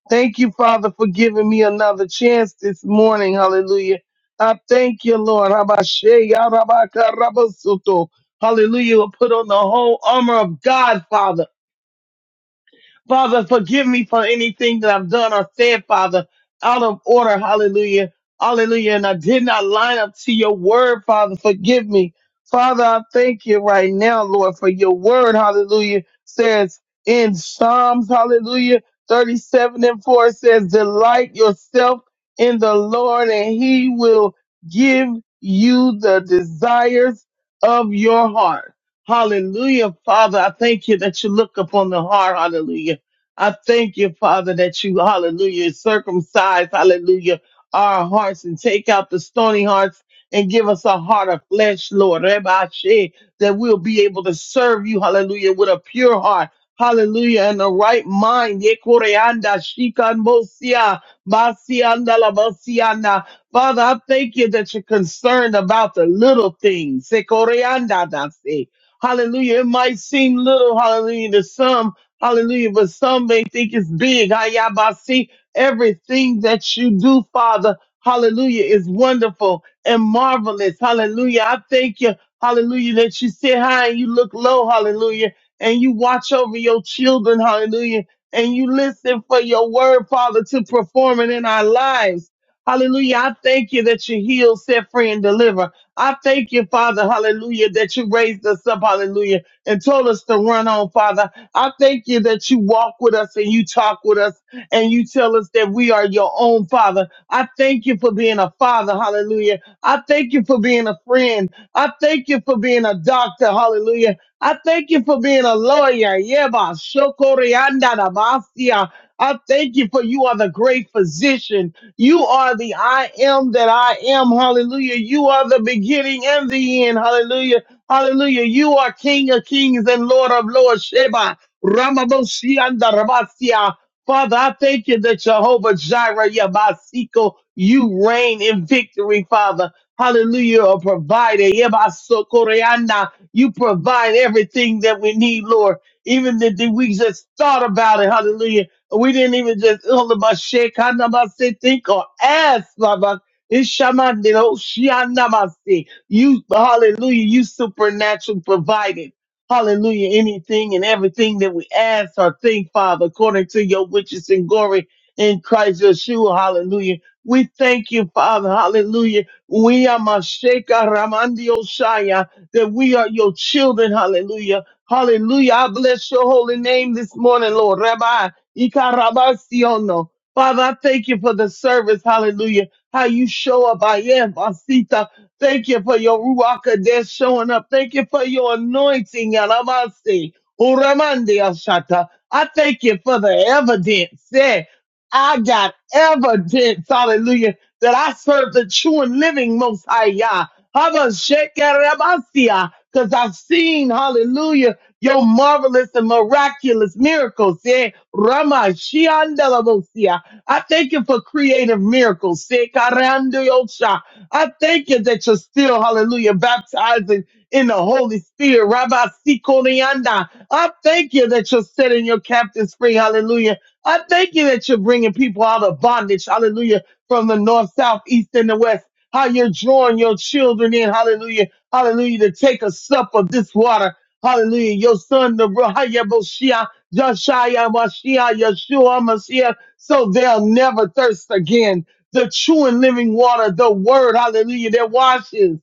S4: Thank you, Father, for giving me another chance this morning. Hallelujah. I thank you, Lord. Habashe, yarabaka, rabasoto. Hallelujah. We'll put on the whole armor of God, Father. Father, forgive me for anything that I've done or said, Father, out of order. Hallelujah. Hallelujah. And I did not line up to your word, Father. Forgive me. Father, I thank you right now, Lord, for your word. Hallelujah. Says in Psalms, hallelujah, 37 and 4 says, delight yourself in the Lord and he will give you the desires of your heart. Hallelujah. Father, I thank you that you look upon the heart. Hallelujah. I thank you, Father, that you, hallelujah, circumcise, hallelujah, our hearts and take out the stony hearts and give us a heart of flesh, Lord, Rebashe, that we'll be able to serve you, hallelujah, with a pure heart. Hallelujah, and the right mind. Yekoreanda, shikanbosia, basianda, labasianda. Father, I thank you that you're concerned about the little things. Sekoreanda, dase. Hallelujah. It might seem little, hallelujah, to some, Hallelujah. But some may think it's big. Ayabasi. Everything that you do, Father, hallelujah, is wonderful and marvelous. Hallelujah. I thank you. Hallelujah. That you sit high and you look low. Hallelujah. And you watch over your children. Hallelujah. And you listen for your word, Father, to perform it in our lives. Hallelujah. I thank you that you heal, set free, and deliver. I thank you, Father, hallelujah, that you raised us up, hallelujah, and told us to run on, Father. I thank you that you walk with us and you talk with us and you tell us that we are your own father. I thank you for being a father. Hallelujah. I thank you for being a friend. I thank you for being a doctor. Hallelujah. I thank you for being a lawyer. Yeba shokorianda da basia. I thank you for you are the great physician. You are the I am that I am. Hallelujah. You are the beginning and the end. Hallelujah. Hallelujah. You are King of kings and Lord of lords. Sheba. Ramabosi and Rabasia. Father, I thank you that Jehovah Jireh, Yabasiko, you reign in victory, Father. Hallelujah, a provider. Yabasokoreana. You provide everything that we need, Lord. Even that that we just thought about it, hallelujah. We didn't even just all about shake, kind of about say, think or ask, Baba. Ishamandino, Shianamasi. You, hallelujah, you supernatural provided. Hallelujah. Anything and everything that we ask or think, Father, according to your riches and glory in Christ Yeshua. Hallelujah. We thank you, Father. Hallelujah. We are Masheka Ramandi shaya that we are your children. Hallelujah. Hallelujah. I bless your holy name this morning, Lord. Rabbi Ikarabasiono. Father, I thank you for the service. Hallelujah. How you show up. I am. Thank you for your Ruach Kodesh showing up. Thank you for your anointing, Yaramasi. Uramandi Ashata. I thank you for the evidence. Yeah, I got evidence, hallelujah, that I serve the true and living Most High Yah. Because I've seen, hallelujah, your marvelous and miraculous miracles. Yeah, Rama Shiandalabosia. I thank you for creative miracles. Yeah, Karandiyosha. I thank you that you're still, hallelujah, baptizing in the Holy Spirit. Rabbi Sikorianda. I thank you that you're setting your captives free. Hallelujah. I thank you that you're bringing people out of bondage. Hallelujah. From the north, south, east, and the west. How you're drawing your children in. Hallelujah. Hallelujah. To take a sup of this water. Hallelujah. Your son, the Rahaya Boshia, Joshua Mashiach, Yeshua Mashiach, so they'll never thirst again the true and living water, the word, hallelujah, that washes,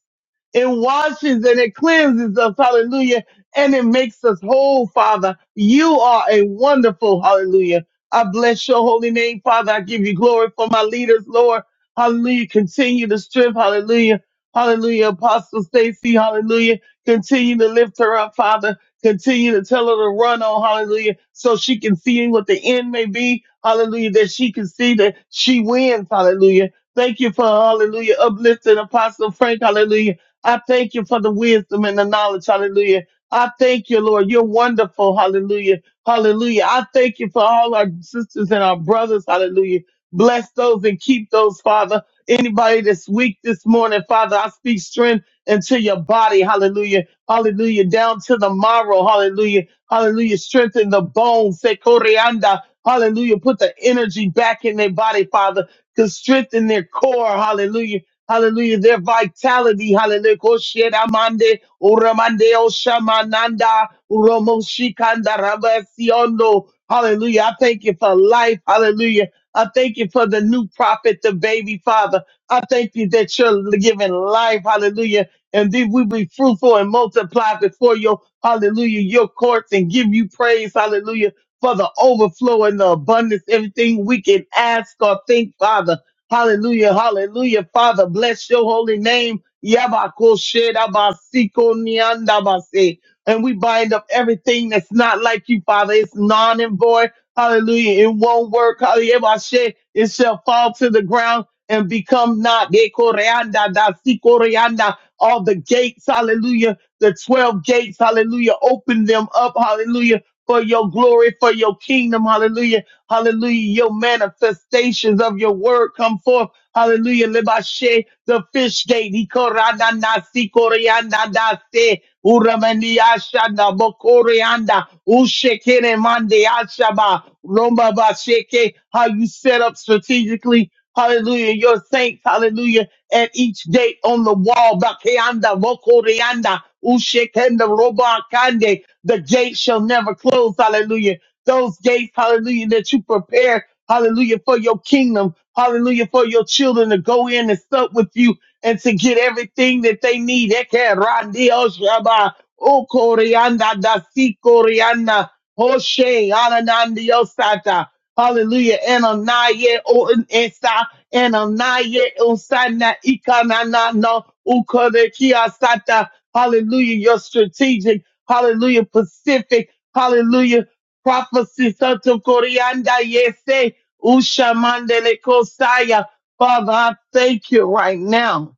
S4: it washes and it cleanses us, hallelujah, and it makes us whole, Father. You are a wonderful, hallelujah. I bless your holy name, Father. I give you glory for my leaders, Lord. Hallelujah. Continue to strength, hallelujah. Hallelujah. Apostle Stacy, hallelujah. Continue to lift her up, Father. Continue to tell her to run on, hallelujah, so she can see what the end may be, hallelujah, that she can see that she wins, hallelujah. Thank you for, hallelujah, uplifting Apostle Frank, hallelujah. I thank you for the wisdom and the knowledge. Hallelujah. I thank you, Lord. You're wonderful. Hallelujah. Hallelujah. I thank you for all our sisters and our brothers. Hallelujah. Bless those and keep those, Father. Anybody that's weak this morning, Father, I speak strength into your body. Hallelujah. Hallelujah. Down to the marrow. Hallelujah. Hallelujah. Strengthen the bones. Say, Koreanda. Hallelujah. Put the energy back in their body, Father, to strengthen their core. Hallelujah Hallelujah. Their vitality. Hallelujah. Kosheramande, uramande, oshamananda, uromoshikanda, rabasiondo. Hallelujah. I thank you for life. Hallelujah. I thank you for the new prophet, the baby father. I thank you that you're giving life. Hallelujah. And then we be fruitful and multiply before your, hallelujah, your courts and give you praise. Hallelujah. For the overflow and the abundance, everything we can ask or think, Father. Hallelujah. Hallelujah. Father, bless your holy name. Yabakosherabasiko-niandabase. And we bind up everything that's not like you, Father. It's non and void. Hallelujah. It won't work. Hallelujah. Yabashe. It shall fall to the ground and become not. Dekoreanda, dasikoreanda. All the gates, hallelujah. The 12 gates, hallelujah. Open them up, hallelujah, for your glory, for your kingdom, hallelujah. Hallelujah. Your manifestations of your word come forth. Hallelujah. Lebashe, the fish gate. Ikorana nasi koreana dase. Uramani ashana bokoreanda. Ushekere mande ashaba. Roma basheke. How you set up strategically. Hallelujah. Your saints. Hallelujah. At each gate on the wall. Bakeanda bokoreanda. Ushekenda roba kande. The gate shall never close. Hallelujah those gates, hallelujah, that you prepare, hallelujah, for your kingdom, hallelujah, for your children to go in and sup with you and to get everything that they need. Eke randio shaba, o corianda da si corianda, hoshe, ananandio sata. Hallelujah. Ananiah o esa, Ananiah osana ikanana no ukorekia sata. Hallelujah. Your strategic, hallelujah, Pacific, hallelujah prophecy Santo Corianda Yese Usha Mandele Kosaya. Father, I thank you right now.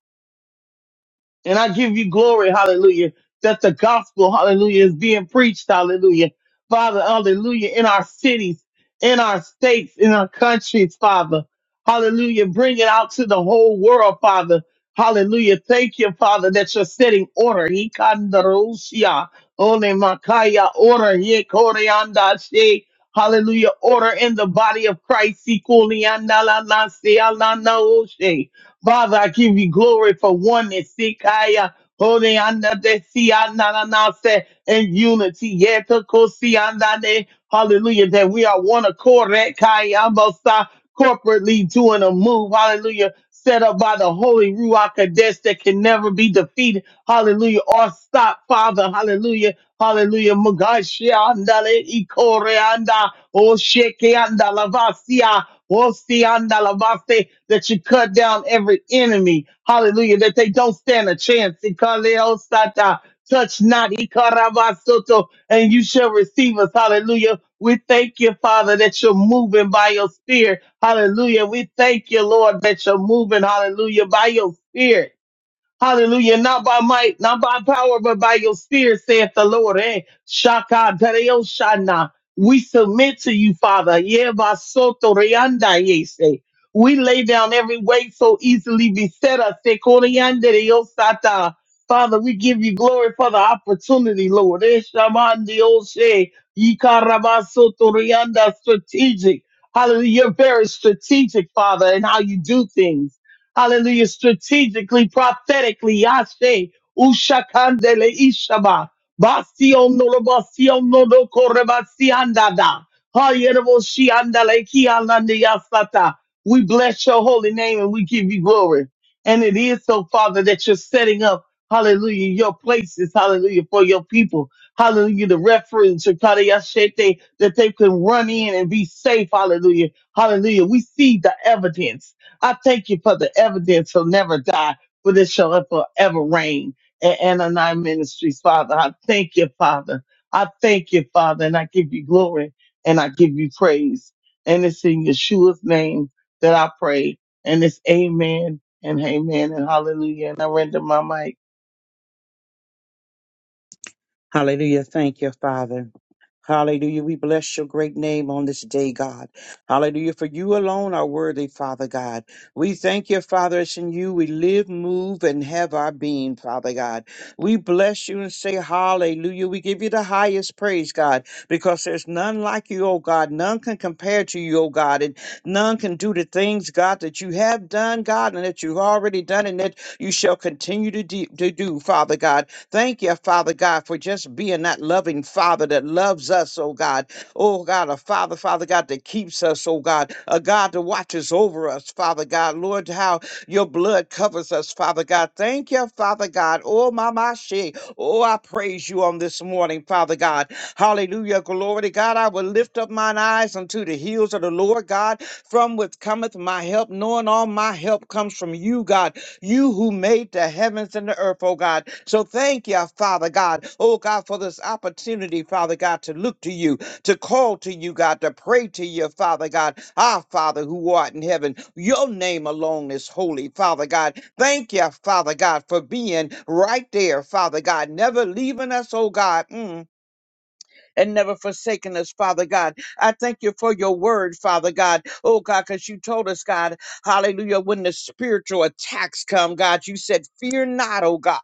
S4: And I give you glory, hallelujah, that the gospel, hallelujah, is being preached, hallelujah. Father, hallelujah, in our cities, in our states, in our countries, Father. Hallelujah. Bring it out to the whole world, Father. Hallelujah. Thank you, Father, that you're setting order. Ikandarusia, ole makaya, Order. yekoreandashe. Hallelujah. Order in the body of Christ. Ikuliandalanasialanaoshe. Father, I give you glory for oneness. Sikaya, holding on the Siananase and unity. Yeta kosiandane. Hallelujah. That we are one accord. Rekayambosa, Corporately doing a move. Hallelujah. Set up by the Holy Ruach Kadesh that can never be defeated. Hallelujah. Or stop, Father. Hallelujah. Hallelujah. Magashiandale ikoreanda. O shekeanda lavasia. Ostiandalabase, That you cut down every enemy. Hallelujah. That they don't stand a chance. Ikaleosata, Touch not. Ikarabasoto, And you shall receive us. Hallelujah. We thank you, Father, that you're moving by your spirit. Hallelujah. We thank you, Lord, that you're moving. Hallelujah. By your spirit. Hallelujah. Not by might, not by power, but by your spirit, saith the Lord. Eh? Shaka Dareo Shana. We submit to you, Father. Yeba soto reanda yese. We lay down every weight so easily beset us. Se corianda Deo Sata. Father, we give you glory for the opportunity, Lord. Eh, shaman Deo She. Yikaraba soto reanda Strategic. Hallelujah. You're very strategic, Father, in how you do things. Hallelujah. Strategically, prophetically, Yashe, Ushakandele Ishaba, Bastion no Bastion no do Corebasiandada, Hayervo Shiandale Kianandi Yasata. We bless your holy name and we give you glory. And it is so, Father, that you're setting up, hallelujah, your places, hallelujah, for your people. Hallelujah, the reference, Shakata Yashete, that they can run in and be safe, hallelujah. Hallelujah. We see the evidence. I thank you for the evidence will never die, but it shall forever reign. A- Anani Ministries, Father, I thank you, Father. I thank you, Father, and I give you glory and I give you praise. And it's in Yeshua's name that I pray. And it's amen and amen and hallelujah. And I render my mic.
S5: Hallelujah. Thank you, Father. Hallelujah. We bless your great name on this day, God. Hallelujah. For you alone are worthy, Father God. We thank you, Father. It's in you we live, move, and have our being, Father God. We bless you and say hallelujah. We give you the highest praise, God, because there's none like you, oh God. None can compare to you, oh God. And none can do the things, God, that you have done, God, and that you've already done and that you shall continue to, de- to do, Father God. Thank you, Father God, for just being that loving Father that loves us, oh God. Oh God, a Father, Father God, that keeps us, oh God. A God that watches over us, Father God. Lord, how your blood covers us, Father God. Thank you, Father God. Oh, my, my, she. Oh, I praise you on this morning, Father God. Hallelujah. Glory to God. I will lift up mine eyes unto the hills of the Lord God, from which cometh my help, knowing all my help comes from you, God you who made the heavens and the earth, oh God. So thank you, Father God, oh God, for this opportunity, Father God, to look to you, to call to you, God, to pray to you, Father God, our Father who art in heaven. Your name alone is holy, Father God. Thank you, Father God, for being right there, Father God, never leaving us, oh God. Mm, and never forsaken us, Father God. I thank you for your word, Father God. Oh God, because you told us, God, hallelujah, when the spiritual attacks come, God, you said, Fear not, oh God.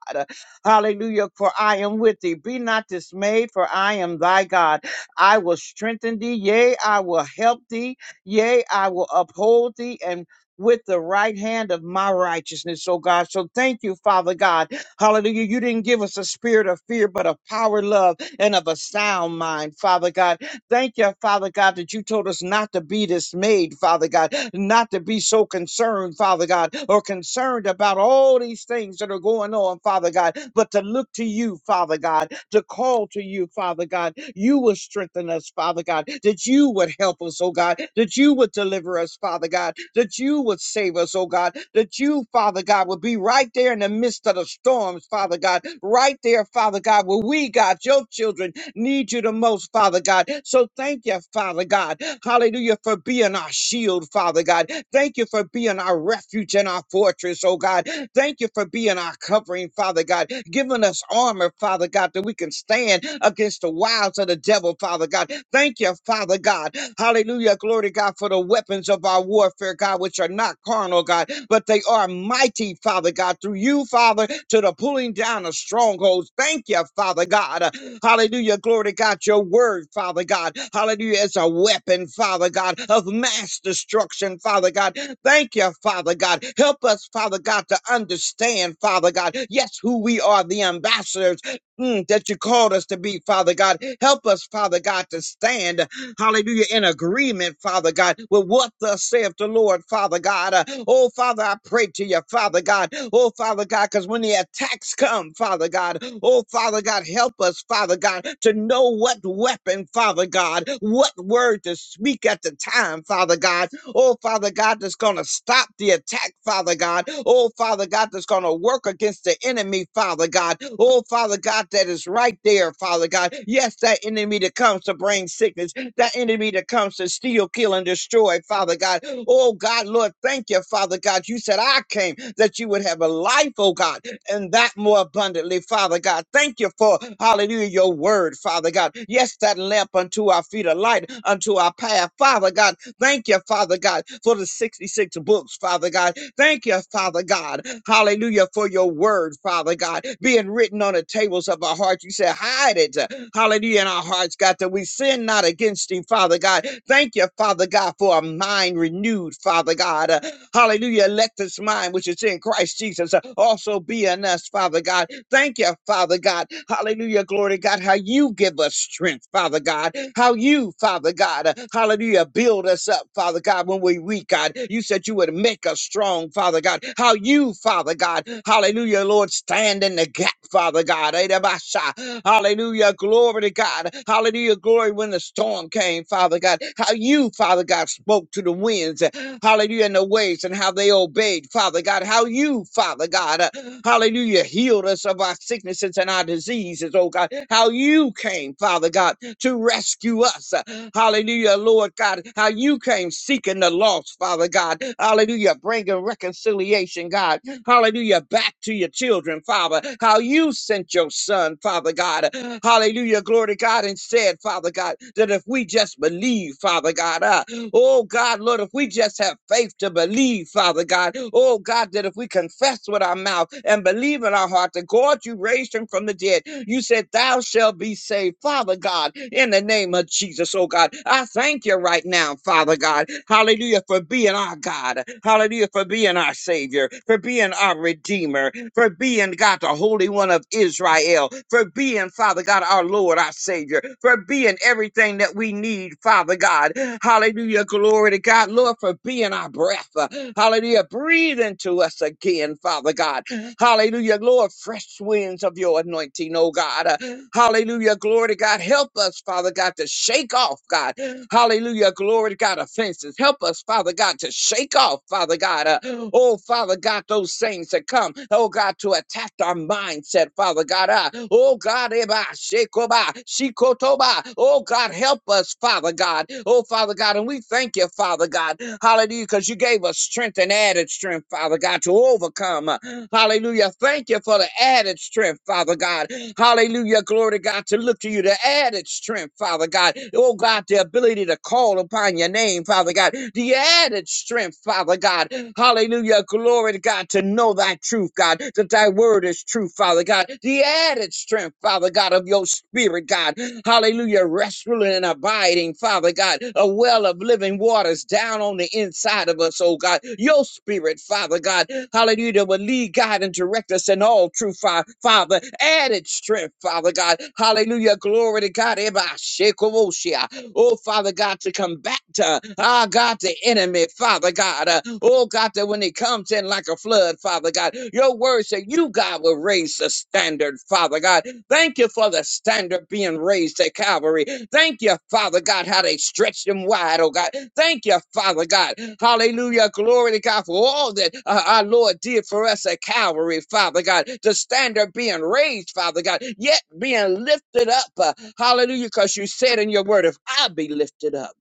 S5: Hallelujah, for I am with thee. Be not dismayed, for I am thy God. I will strengthen thee, yea, I will help thee, yea, I will uphold thee and with the right hand of my righteousness, oh God. So thank you, Father God. Hallelujah. You didn't give us a spirit of fear, but of power, love and of a sound mind, Father God. Thank you, Father God, that you told us not to be dismayed, Father God, not to be so concerned, Father God, or concerned about all these things that are going on, Father God, but to look to you, Father God to call to you, Father God. You will strengthen us, Father God, that you would help us, oh God, that you would deliver us, Father God, that you would save us, oh God, that you, Father God, would be right there in the midst of the storms, Father God, right there, Father God, where we, God, your children, need you the most, Father God. So thank you, Father God. Hallelujah, for being our shield, Father God. Thank you for being our refuge and our fortress, oh God. Thank you for being our covering, Father God, giving us armor, Father God, that we can stand against the wiles of the devil, Father God. Thank you, Father God. Hallelujah. Glory to God for the weapons of our warfare, God, which are not carnal, God, but they are mighty, Father God, through you, Father, to the that are pulling down of strongholds. Thank you, Father God. Hallelujah. Glory to God. Your word, Father God. Hallelujah. It's a weapon, Father God, of mass destruction, Father God. Thank you, Father God. Help us, Father God, to understand, Father God, yes, who we are, the ambassadors mm, that you called us to be, Father God. Help us, Father God, to stand hallelujah, in agreement, Father God, with what thus saith the Lord, Father God. Uh, oh, Father, I pray to you, Father God. Oh, Father God, because when the attacks come, Father God, oh, Father God, help us, Father God, to know what weapon, Father God, what word to speak at the time, Father God. Oh, Father God, that's going to stop the attack, Father God. Oh, Father God, that's going to work against the enemy, Father God. Oh, Father God, that is right there, Father God. Yes, that enemy that comes to bring sickness that enemy that comes to steal, kill, and destroy, Father God. Oh God, Lord, thank you, Father God. You said, I came that you would have a life, oh God, and that more abundantly, Father God. Thank you for, hallelujah, your word, Father God. Yes, that lamp unto our feet, a light unto our path, Father God. Thank you, Father God, for the 66 books, Father God. Thank you, Father God. Hallelujah, for your word, Father God, being written on the tables of our hearts. You said, hide it. Hallelujah, in our hearts, God, that we sin not against thee, Father God. Thank you, Father God, for a mind renewed, Father God. Uh, Hallelujah. Let this mind which is in Christ Jesus uh, also be in us, Father God. Thank you, Father God. Hallelujah. Glory to God. How you give us strength, Father God. How you, Father God, uh, hallelujah, build us up, Father God, when we're weak, God. You said you would make us strong, Father God. How you, Father God, hallelujah, Lord, stand in the gap, Father God. Edabasha. Hallelujah. Glory to God. Hallelujah. Glory when the storm came, Father. Father God, how you, Father God, spoke to the winds, uh, hallelujah, and the waves, and how they obeyed, Father God, how you, Father God, uh, hallelujah, healed us of our sicknesses and our diseases, oh God, how you came, Father God, to rescue us, uh, hallelujah, Lord God, how you came seeking the lost, Father God, hallelujah, bringing reconciliation, God, hallelujah, back to your children, Father, how you sent your son, Father God, hallelujah, glory to God, and said, Father God, that if we just believe, Father God, uh, oh God, Lord, if we just have faith to believe, Father God, oh God, that if we confess with our mouth and believe in our heart that God, you raised him from the dead, you said, Thou shalt be saved, Father God, in the name of Jesus. Jesus, oh God. I thank you right now, Father God. Hallelujah, for being our God. Hallelujah, for being our Savior, for being our Redeemer, for being, God, the Holy One of Israel, for being, Father God, our Lord, our Savior, for being everything that we need, Father God. Hallelujah, glory to God, Lord, for being our breath. Uh, Hallelujah, breathe into us again, Father God. Hallelujah. Lord, fresh winds of your anointing, oh God. Uh, Hallelujah. Glory to God. Help us, Father God, to shake off, God. Hallelujah. Glory to God. Offenses. Help us, Father God, to shake off, Father God. uh, oh, Father God, those things that come, oh God, to attack our mindset, Father God. uh, oh God, eba, shekoba, shikotoba. Oh God, help us, Father God. Oh, Father God. And we thank you, Father God. Hallelujah. Because you gave us strength and added strength, Father God, to overcome. uh, Hallelujah. Thank you for the added strength, Father God. Hallelujah. Glory to God to look to you, the added strength, Father God. Oh God, the ability to call upon your name, Father God, the added strength, Father God. Hallelujah. Glory to God to know thy truth, God, that thy word is true, Father God. The added strength, Father God, of your spirit, God. Hallelujah. Restful and abiding, Father God. A well of living waters down on the inside of us, oh God. Your spirit, Father God. Hallelujah. that Will lead, God, and direct us in all truth, Fa- Father. Added strength, Father God. Hallelujah. Glory to God. Eba shekowoshia oh Father God, to combat, uh, ah God, the enemy, Father God, uh, oh God, that when it comes in like a flood, Father God, your word said you, God, will raise the standard, Father God. Thank you for the standard being raised at Calvary. Thank you, Father God, how they stretched them wide, oh God. Thank you, Father God. Hallelujah. Glory to God for all that uh, our Lord did for us at Calvary, Father God. The standard being raised, Father God, yet being lifted up. uh, hallelujah. Because you said in your word, if I be lifted up,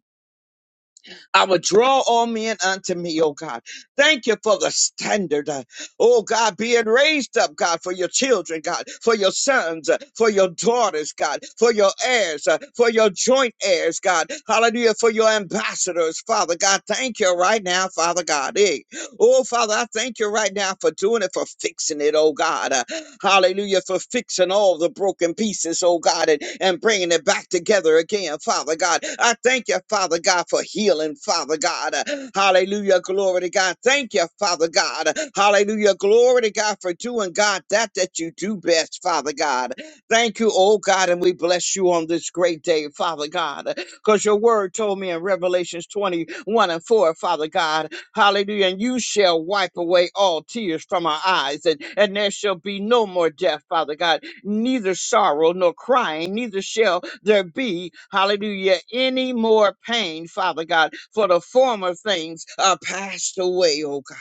S5: I would draw all men unto me, oh God. Thank you for the standard, uh, oh God, being raised up, God, for your children, God, for your sons, uh, for your daughters, God, for your heirs, uh, for your joint heirs, God. Hallelujah, for your ambassadors, Father God. Thank you right now, Father God. Hey. Oh, Father, I thank you right now for doing it, for fixing it, oh God. Uh, Hallelujah. For fixing all the broken pieces, oh God, and, and bringing it back together again, Father God. I thank you, Father God, for healing, Father God. Hallelujah. Glory to God. Thank you, Father God. Hallelujah. Glory to God for doing, God, that that you do best, Father God. Thank you, oh God, and we bless you on this great day, Father God, because your word told me in Revelations 21 and 4, Father God. Hallelujah. And you shall wipe away all tears from our eyes, and, and there shall be no more death, Father God, neither sorrow nor crying, neither shall there be, hallelujah, any more pain, Father God, for the former things are passed away, oh God.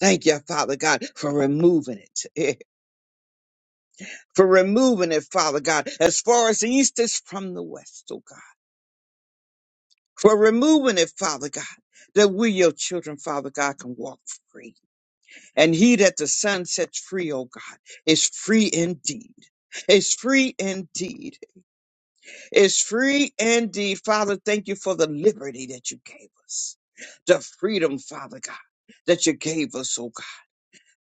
S5: Thank you, Father God, for removing it. For removing it, Father God, as far as the east is from the west, oh God. For removing it, Father God, that we, your children, Father God, can walk free And he that the Son sets free, oh God, is free indeed. Is free indeed. Is free indeed. Father, thank you for the liberty that you gave us. The freedom, Father God, that you gave us, oh God.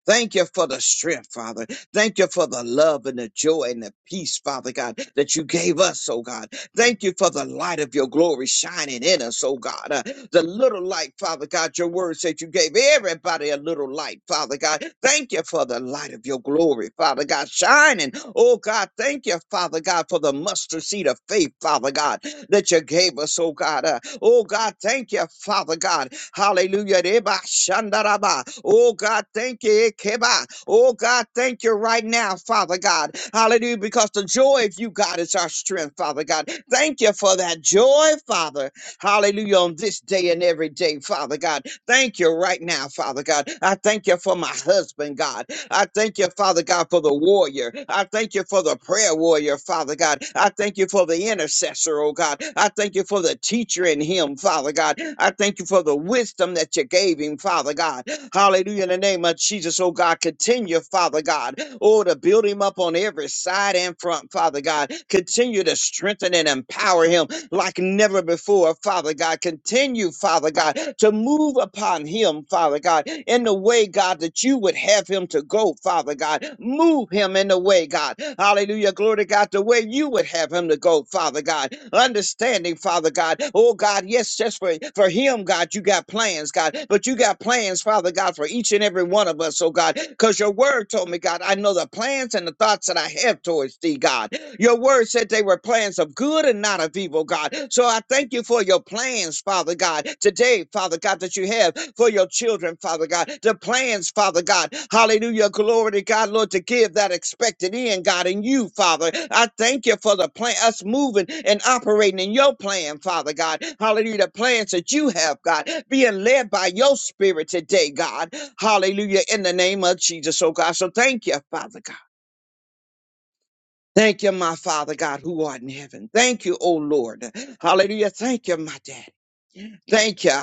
S5: Thank you for the strength, Father. Thank you for the love and the joy and the peace, Father God, that you gave us, oh God. Thank you for the light of your glory shining in us, oh God. Uh, the little light, Father God, your word said you gave everybody a little light, Father God. Thank you for the light of your glory, Father God, shining. Oh God, thank you, Father God, for the mustard seed of faith, Father God, that you gave us, oh God. Uh, oh God, thank you, Father God, Hallelujah. Reba shandaraba. Oh God, thank you. Ekeba. Oh God, thank you right now, Father God. Hallelujah. Because the joy of you, God, is our strength, Father God. Thank you for that joy, Father. Hallelujah. On this day and every day, Father God. Thank you right now, Father God. I thank you for my husband, God. I thank you, Father God, for the warrior. I thank you for the prayer warrior, Father God. I thank you for the intercessor, oh God. I thank you for the teacher in him, Father God. I thank you for the wisdom that you gave him, Father God. Hallelujah. In the name of Jesus, oh God, continue, Father God, oh, to build him up on every side and front, Father God. Continue to strengthen and empower him like never before, Father God. Continue, Father God, to move upon him, Father God, in the way, God, that you would have him to go, Father God. Move him in the way, God. Hallelujah. Glory to God, the way you would have him to go, Father God. Understanding, Father God. Oh, God, yes, just for, for him, God, you got plans, God, but you got plans, Father God, for each and every one of us, oh, God, because your word told me, God, I know the plans and the thoughts that I have towards thee, God. Your word said they were plans of good and not of evil, God. So I thank you for your plans, Father God, today, Father God, that you have for your children, Father God. The plans, Father God. Hallelujah. Glory to God, Lord, to give that expected end, God, in you, Father. I thank you for the plan, us moving and operating in your plan, Father God. Hallelujah. The plans that you have, God, being led by your spirit today, God. Hallelujah. In the name of Jesus, oh God. So thank you, Father God. Thank you, my Father God, who art in heaven. Thank you, O Lord. Hallelujah. Thank you, my dad. Thank you.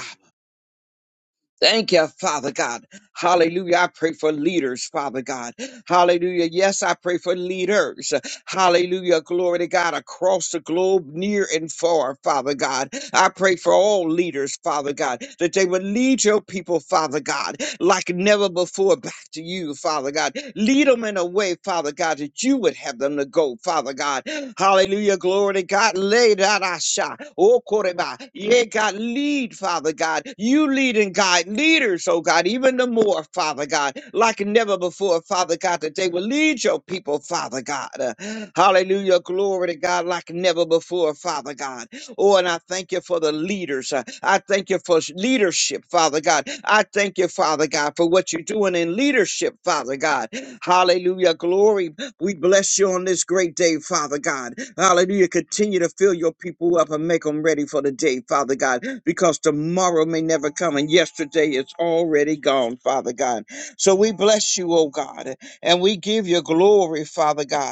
S5: Thank you, Father God. Hallelujah. I pray for leaders, Father God. Hallelujah. Yes, I pray for leaders. Hallelujah. Glory to God across the globe, near and far, Father God. I pray for all leaders, Father God, that they would lead your people, Father God, like never before back to you, Father God. Lead them in a way, Father God, that you would have them to go, Father God. Hallelujah. Glory to God. Lay that I shot. Oh, Koreba. Yeah, God, lead, Father God. You lead and guide leaders, oh God, even the more, Father God, like never before, Father God, that they will lead your people, Father God. Uh, Hallelujah. Glory to God, like never before, Father God. Oh, and I thank you for the leaders. Uh, I thank you for leadership, Father God. I thank you, Father God, for what you're doing in leadership, Father God. Hallelujah. Glory. We bless you on this great day, Father God. Hallelujah. Continue to fill your people up and make them ready for the day, Father God, because tomorrow may never come and yesterday is already gone, Father God. So we bless you, oh God, and we give you glory, Father God.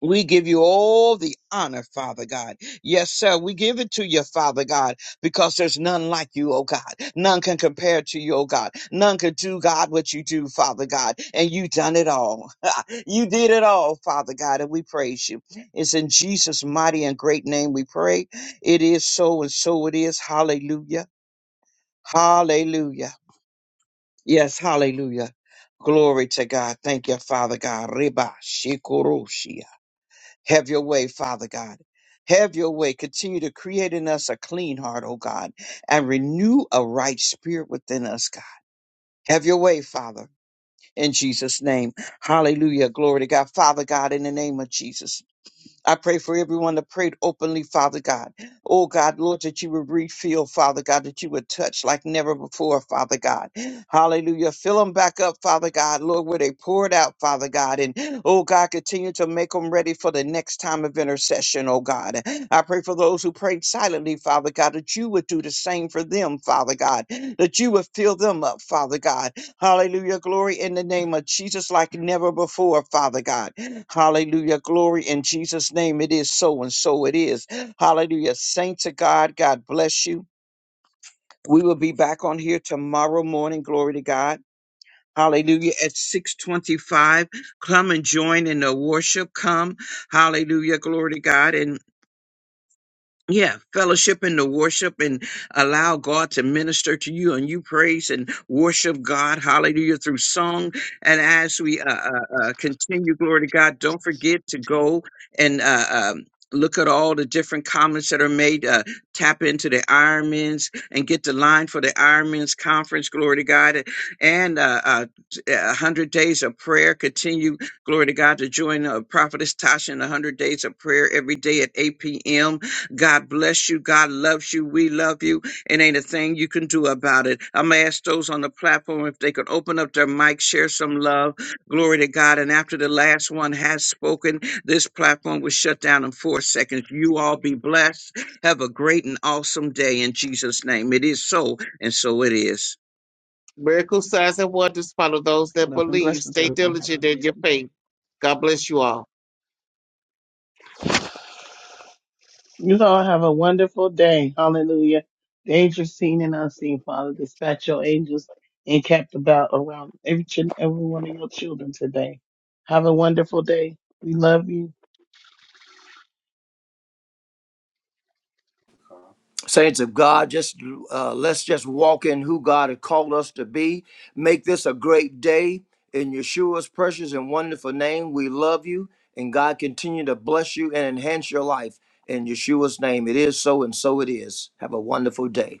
S5: We give you all the honor, Father God. Yes, sir. We give it to you, Father God, because there's none like you, oh God. None can compare to you, oh God. None can do, God, what you do, Father God. And you done it all. you did it all, Father God, and we praise you. It's in Jesus' mighty and great name we pray. It is so and so it is. Hallelujah. Hallelujah. Yes, hallelujah. Glory to God. Thank you, Father God. Reba Shikoroshia. Have your way, Father God. Have your way. Continue to create in us a clean heart, O God, and renew a right spirit within us, God. Have your way, Father, in Jesus' name. Hallelujah. Glory to God. Father God, in the name of Jesus. I pray for everyone that prayed openly, Father God. Oh God, Lord, that you would refill, Father God, that you would touch like never before, Father God. Hallelujah. Fill them back up, Father God, Lord, where they poured out, Father God. And oh God, continue to make them ready for the next time of intercession, oh God. I pray for those who prayed silently, Father God, that you would do the same for them, Father God, that you would fill them up, Father God. Hallelujah. Glory in the name of Jesus like never before, Father God. Hallelujah. Glory in Jesus' name. It is so and so it is. Hallelujah. Saints of God, God bless you. We will be back on here tomorrow morning. Glory to God. Hallelujah. At 625, come and join in the worship. Come. Hallelujah. Glory to God. and yeah, fellowship in the worship and allow God to minister to you and you praise and worship God, hallelujah, through song. And as we uh, uh, uh, continue, glory to God, don't forget to go and uh, um, look at all the different comments that are made. Uh, tap into the Ironmans and get the line for the Ironmans conference, glory to God. And uh, uh, uh, 100 days of prayer. Continue, glory to God, to join uh, Prophetess Tasha in 100 days of prayer every day at 8 p.m God bless you. God loves you. We love you. It ain't a thing you can do about it. I'm going to ask those on the platform if they could open up their mic, share some love. Glory to God. And after the last one has spoken, this platform was shut down in four seconds. You all be blessed. Have a great and awesome day in Jesus' name. It is so, and so it is.
S2: Miracle signs and wonders follow those that believe. Stay diligent in your faith. God bless you all.
S4: You all have a wonderful day. Hallelujah. Dangerous seen and unseen, Father. Dispatch your angels and kept about around each and every one of your children today. Have a wonderful day. We love you.
S3: Saints of God, just uh, let's just walk in who God has called us to be. Make this a great day in Yeshua's precious and wonderful name. We love you, and God continue to bless you and enhance your life in Yeshua's name. It is so, and so it is. Have a wonderful day.